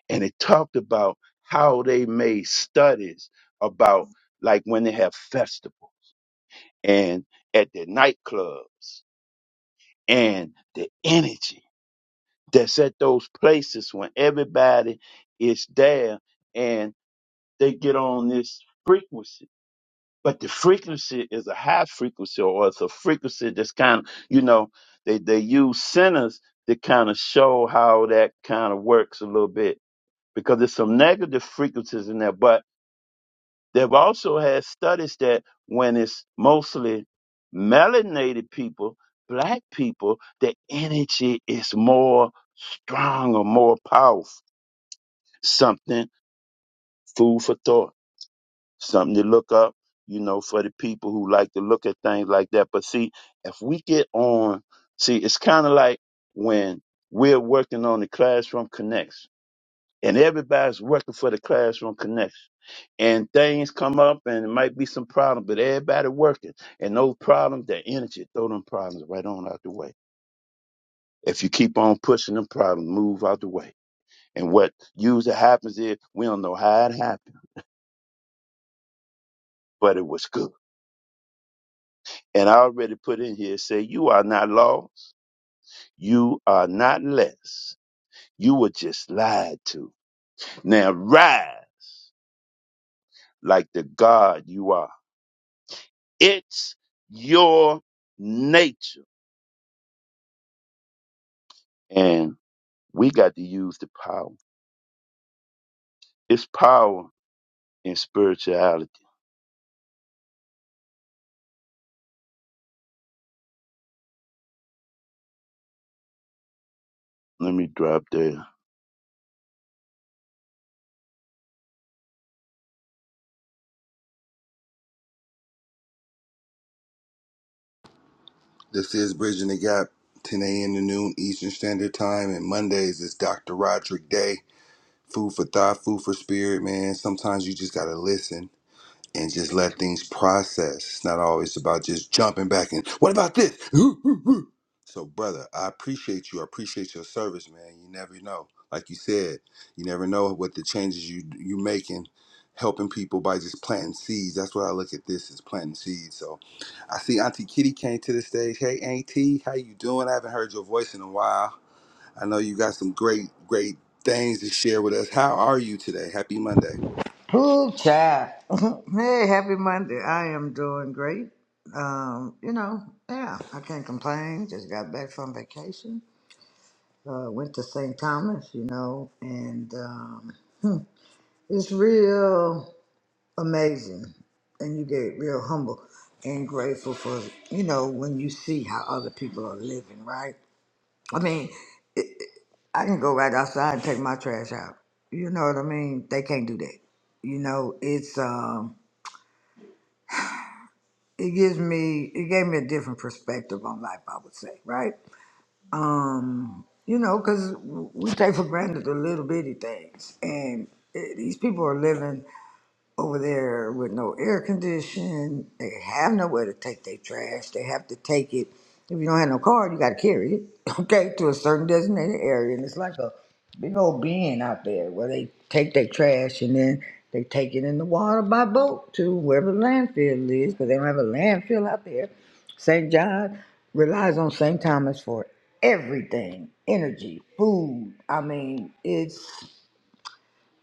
and it talked about how they made studies about like when they have festivals and at the nightclubs and the energy that's at those places when everybody is there and they get on this frequency. But the frequency is a high frequency or it's a frequency that's kind of, you know, they, they use centers to kind of show how that kind of works a little bit because there's some negative frequencies in there. But They've also had studies that when it's mostly melanated people, black people, the energy is more strong or more powerful. Something food for thought, something to look up, you know, for the people who like to look at things like that. But see, if we get on, see, it's kind of like when we're working on the classroom connects and everybody's working for the classroom connects. and things come up and it might be some problem, but everybody working and those problems, that energy, throw them problems right on out the way. If you keep on pushing them problems, move out the way. And what usually happens is we don't know how it happened, but it was good. And I already put in here say you are not lost, you are not less. You were just lied to. Now ride like the God you are. It's your nature. And we got to use the power. It's power in spirituality. Let me drop there. Ooh, child. hey, happy Monday. I am doing great. Um, you know, yeah, I can't complain. Just got back from vacation. Uh, went to St. Thomas, you know, and um, it's real amazing. And you get real humble and grateful for, you know, when you see how other people are living, right? I mean, it, it- I can go right outside and take my trash out. You know what I mean? They can't do that. You know, it's. um it gives me it gave me a different perspective on life i would say right um you know because we take for granted the little bitty things and eh, these people are living over there with no air condition. They have nowhere to take their trash. They have to take it. If you don't have no car, you got to carry it, okay, to a certain designated area. And it's like a big old bin out there where they take their trash and then they take it in the water by boat to wherever the landfill is because they don't have a landfill out there. St. John relies on St. Thomas for everything energy, food. I mean, it's.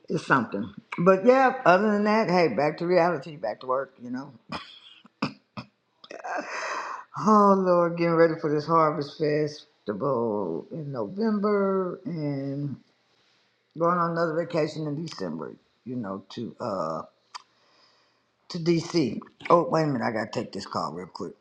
It's something. But yeah, other than that, hey, back to reality, back to work, you know. Oh Lord, getting ready for this harvest festival in November and going on another vacation in December, you know, to uh to DC. Oh, wait a minute, I gotta take this call real quick.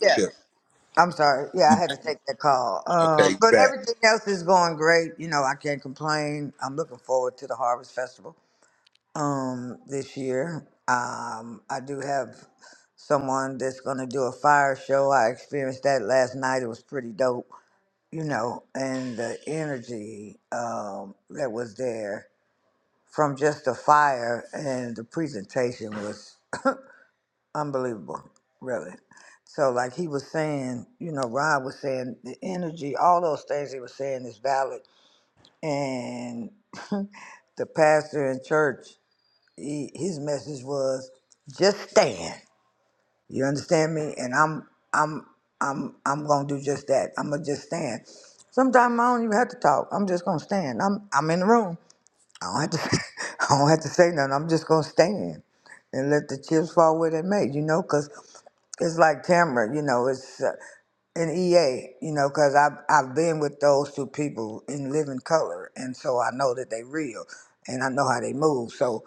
Yeah. I'm sorry. Yeah, I had to take that call. Uh, but everything else is going great. You know, I can't complain. I'm looking forward to the Harvest Festival. um, this year. Um, I do have someone that's going to do a fire show. I experienced that last night. It was pretty dope, you know, and the energy um, that was there from just the fire and the presentation was unbelievable, really. So, like he was saying, you know, Rob was saying the energy, all those things he was saying is valid. And the pastor in church he, his message was just stand. You understand me? And I'm I'm I'm I'm gonna do just that. I'm gonna just stand. Sometimes I don't even have to talk. I'm just gonna stand. I'm I'm in the room. I don't have to I don't have to say nothing. I'm just gonna stand and let the chips fall where they may. You know, 'cause it's like Tamara. You know, it's uh, an EA. You knowbecause i I've I've been with those two people in living color, and so I know that they real, and I know how they move. So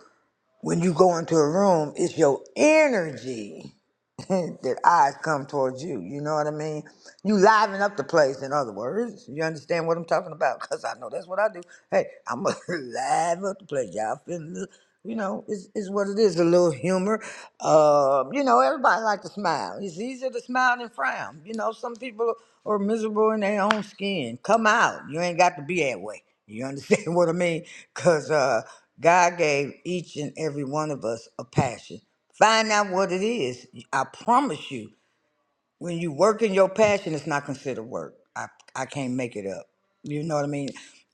when you go into a room, it's your energy that eyes come towards you. You know what I mean? You liven up the place, in other words. You understand what I'm talking about? Because I know that's what I do. Hey, I'm going to live up the place. Y'all feel? me? You know, is is what it is. A little humor. Uh, you know, everybody like to smile. It's easier to smile than frown. You know, some people are miserable in their own skin. Come out. You ain't got to be that way. You understand what I mean? Cause uh, God gave each and every one of us a passion. Find out what it is. I promise you when you work in your passion, it's not considered work. I I can't make it up. You know what I mean?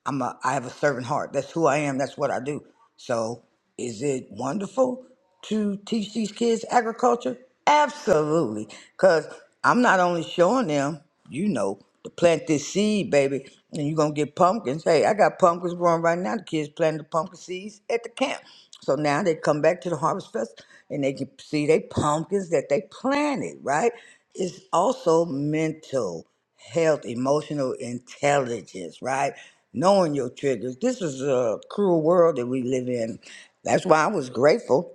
I'm a I have a servant heart. That's who I am. That's what I do. So is it wonderful to teach these kids agriculture? Absolutely. Cause I'm not only showing them, you know, to plant this seed, baby, and you're gonna get pumpkins. Hey, I got pumpkins growing right now. The kids planting the pumpkin seeds at the camp. So now they come back to the harvest fest and they can see they pumpkins that they planted, right? It's also mental health, emotional intelligence, right? Knowing your triggers. This is a cruel world that we live in. That's why I was grateful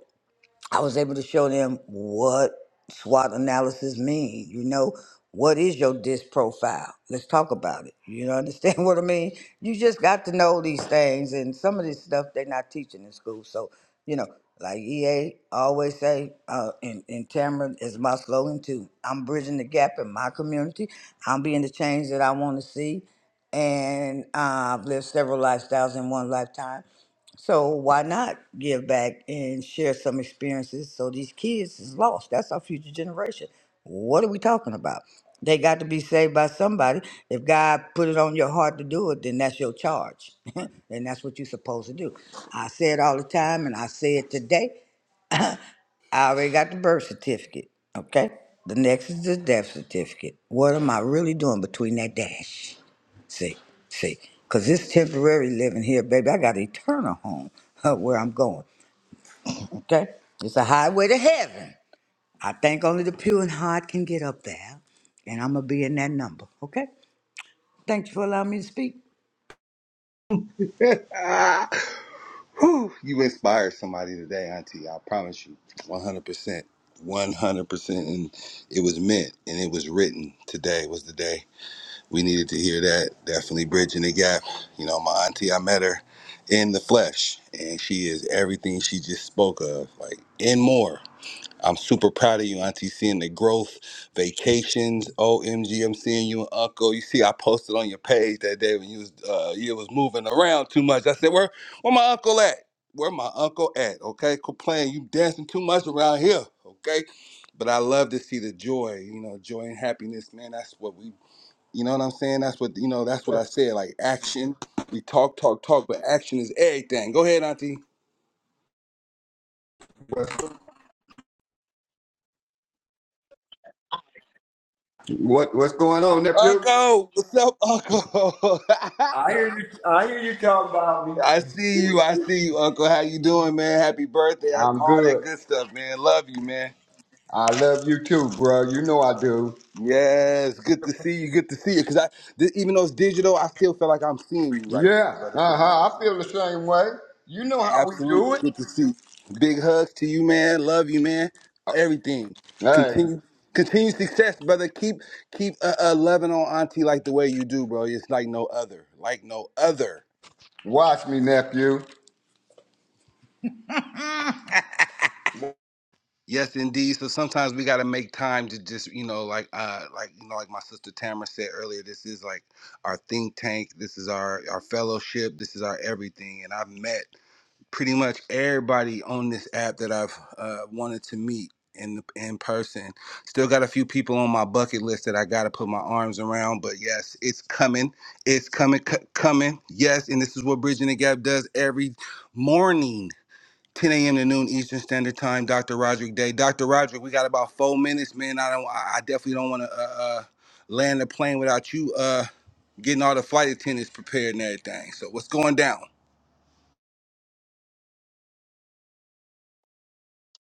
I was able to show them what SWOT analysis mean. You know, what is your disc profile? Let's talk about it. You know, understand what I mean? You just got to know these things, and some of this stuff they're not teaching in school. So, you know, like EA always say, uh, and, and Tamara is my slogan too. I'm bridging the gap in my community. I'm being the change that I want to see, and uh, I've lived several lifestyles in one lifetime so why not give back and share some experiences so these kids is lost? That's our future generation. What are we talking about? They got to be saved by somebody. If God put it on your heart to do it, then that's your charge. and that's what you're supposed to do. I say it all the time and I say it today. I already got the birth certificate. Okay? The next is the death certificate. What am I really doing between that dash? See, see, because this temporary living here, baby, I got eternal home where I'm going. Okay, it's a highway to heaven. I think only the pure in heart can get up there, and I'm gonna be in that number. Okay, thanks for allowing me to speak. What what's going on, nephew? I hear you. I hear you talking about me. I'm good. I love you too, bro. You know I do. Yeah. Uh huh. I feel the same way. You know how we do it. Hey, watch me, nephew.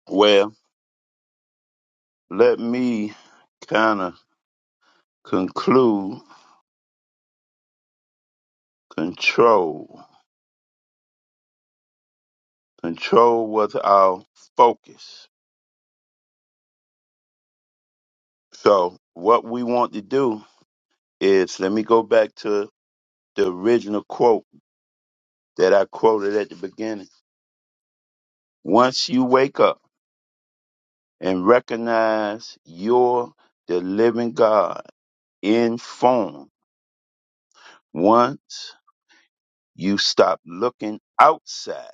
Well, let me kind of conclude control. Control was our focus. So, what we want to do is let me go back to the original quote that I quoted at the beginning. Once you wake up and recognize you're the living God in form, once you stop looking outside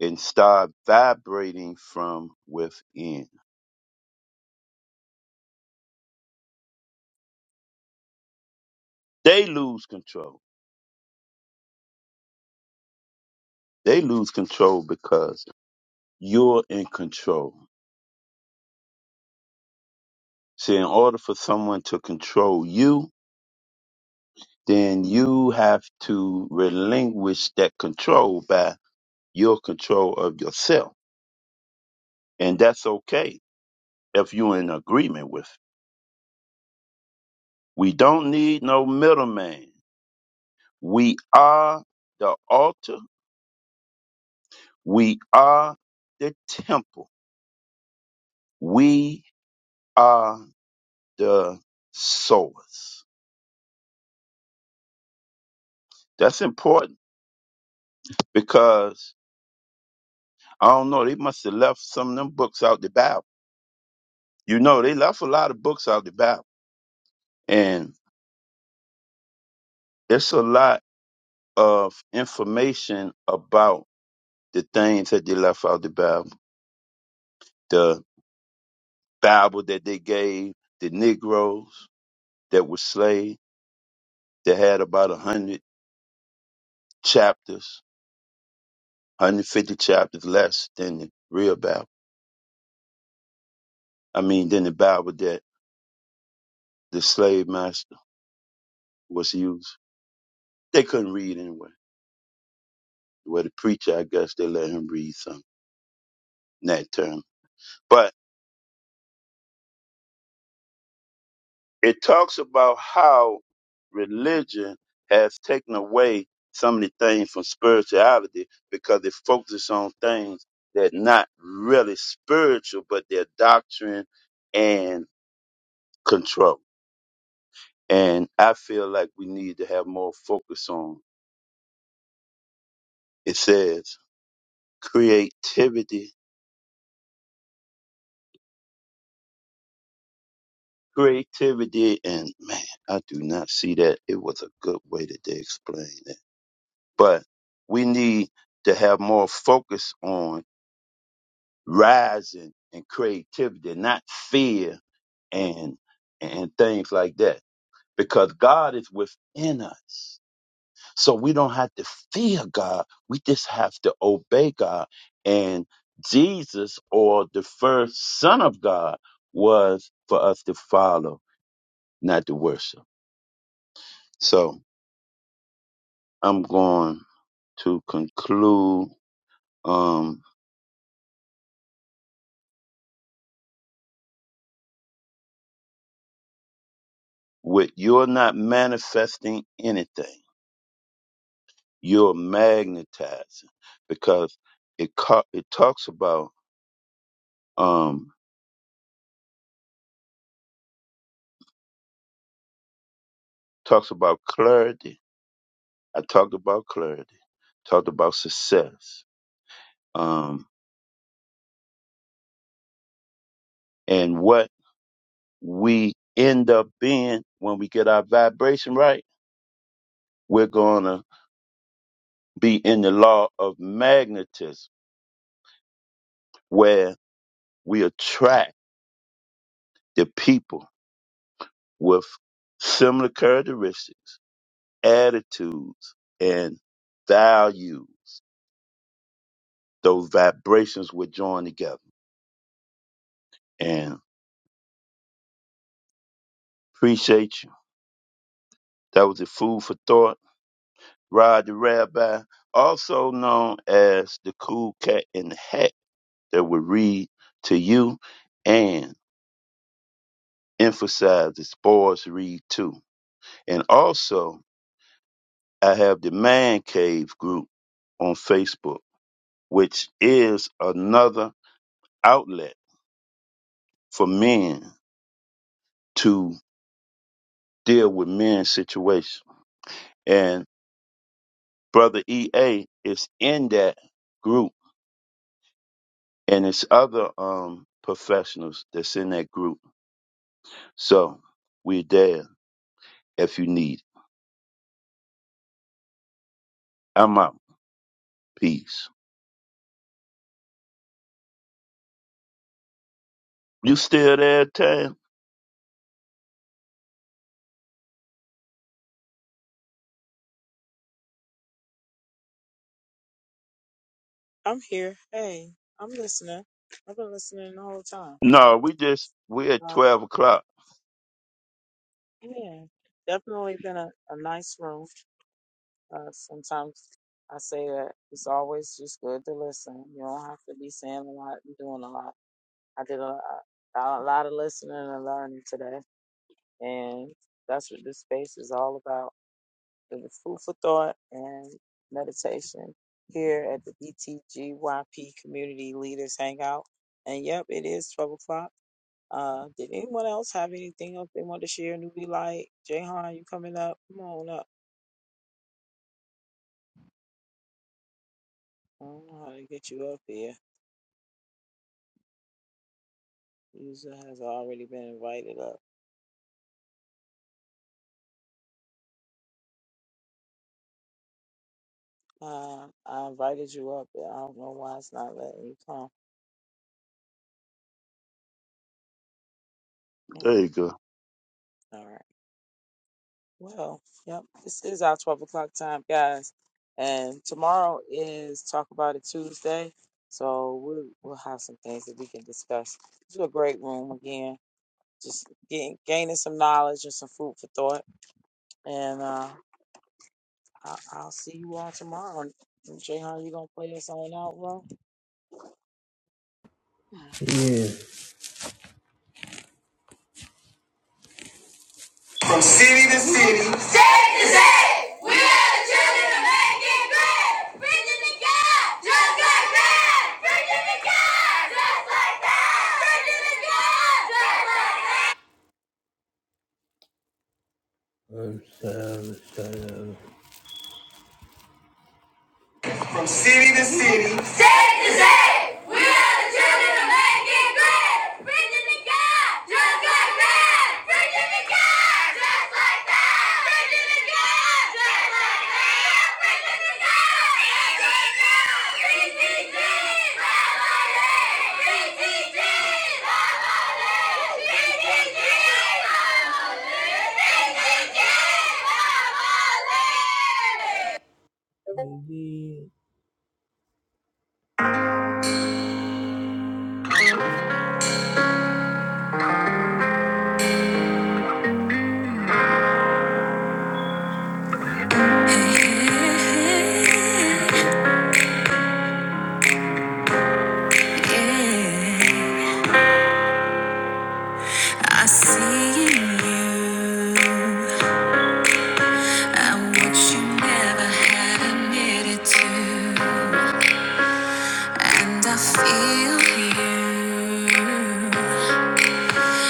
and start vibrating from within. They lose control. They lose control because you're in control. See, in order for someone to control you, then you have to relinquish that control by your control of yourself. And that's okay if you're in agreement with it. We don't need no middleman. We are the altar. We are the temple. We are the sowers. That's important because I don't know, they must have left some of them books out the Bible. You know, they left a lot of books out the Bible. And it's a lot of information about the things that they left out the Bible. The Bible that they gave the Negroes that were slaves that had about a hundred chapters, 150 chapters less than the real Bible. I mean, than the Bible that the slave master was using. They couldn't read anyway. Well, the preacher, I guess they let him read some in that term. But it talks about how religion has taken away some of the things from spirituality because it focuses on things that not really spiritual, but they're doctrine and control. And I feel like we need to have more focus on. It says creativity creativity and man i do not see that it was a good way that they explained it but we need to have more focus on rising and creativity not fear and and things like that because god is within us so we don't have to fear god we just have to obey god and jesus or the first son of god was for us to follow not to worship so I'm going to conclude um, with you're not manifesting anything. You're magnetizing because it co- it talks about um, talks about clarity. I talked about clarity. Talked about success. Um, and what we end up being when we get our vibration right, we're gonna be in the law of magnetism, where we attract the people with similar characteristics, attitudes, and values. Those vibrations would join together. And appreciate you. That was the food for thought. Rod the Rabbi, also known as the cool cat in the hat that would read to you and emphasize the spores read too. And also, I have the Man Cave group on Facebook, which is another outlet for men to deal with men's situation. And Brother EA is in that group and it's other um professionals that's in that group. So we're there if you need. it. I'm out. Peace. You still there, Tam? I'm here. Hey, I'm listening. I've been listening the whole time. No, we just we're at Uh, twelve o'clock. yeah, definitely been a, a nice room. Uh, sometimes I say that it's always just good to listen. You don't have to be saying a lot and doing a lot. I did a lot, a lot of listening and learning today, and that's what this space is all about. It was food for thought and meditation here at the BTGYP Community Leaders Hangout. And yep, it is 12 o'clock. Uh, did anyone else have anything else they want to share? Newbie Light, Jayhan, you coming up? Come on up. I don't know how to get you up here. User has already been invited up. Uh, I invited you up. but I don't know why it's not letting you come. There Hmm, you go. All right. Well, yep. This is our 12 o'clock time, guys. And tomorrow is Talk About It Tuesday. So we'll, we'll have some things that we can discuss. It's a great room again. Just getting, gaining some knowledge and some food for thought. And uh, I, I'll see you all tomorrow. And Jayhan, you going to play us on out, bro? From city to city. From city to city. Yeah, I see in you. I'm what you never had admitted to. And I feel you.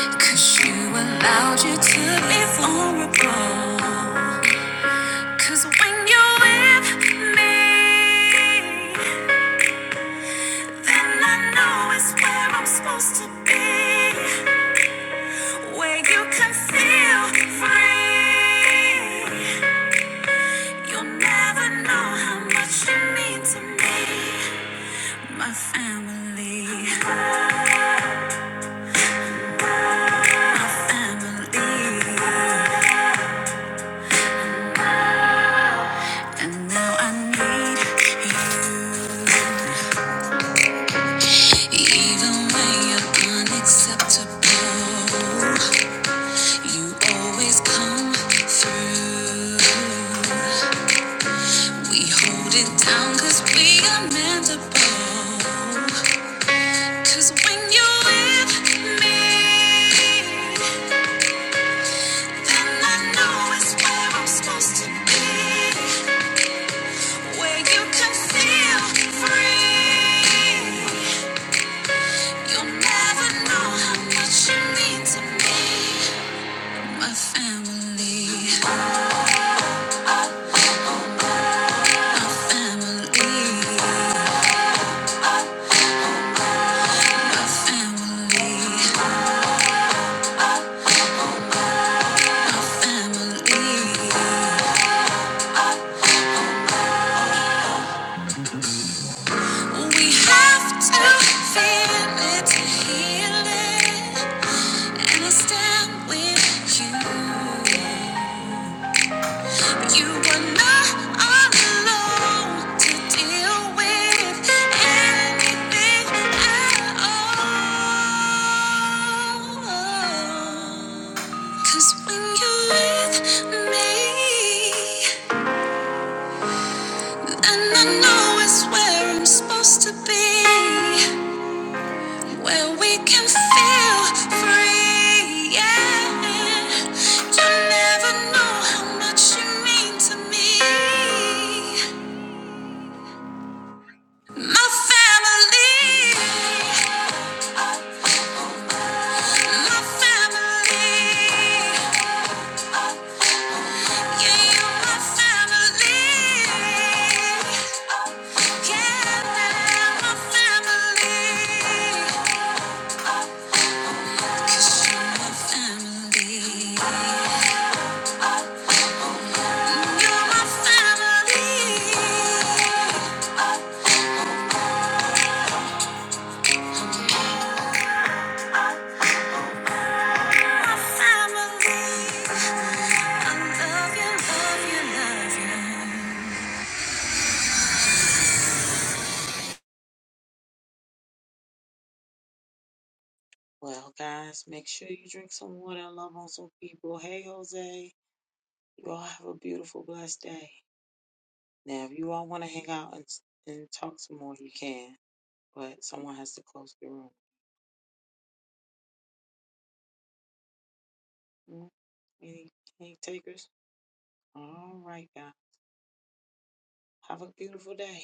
Cause you allowed you to be vulnerable. Cause when you're with me, then I know it's where I'm supposed to be. Where you can feel free. You'll never know how much you mean to me, my family, my family. And now I need you. Even when you're unacceptable, you always come through. We hold it down 'cause we are mendable. 'Cause when you're with me, And I know it's where I'm supposed to be, where you can feel free. You'll never know how much you mean to me, my family, my family, my family, my family. We have to feel it to heal it, and I stand with you. yeah. You were not alone to deal with anything at all. 'Cause when you're with me, then I know it's where I'm supposed to be, where we can feel free. Yeah, you never know how much you mean to me. My family, my family, yeah, you're my family, yeah, they're my family, 'Cause you're my family, you're my family, family. I love you, love you, love you. Well, guys, make sure you drink some water and love on some people. Hey, Jose, you all have a beautiful, blessed day. Now, if you all want to hang out and, and talk some more, you can, but someone has to close the room. Mm, Any, any takers? All right, guys. Have a beautiful day.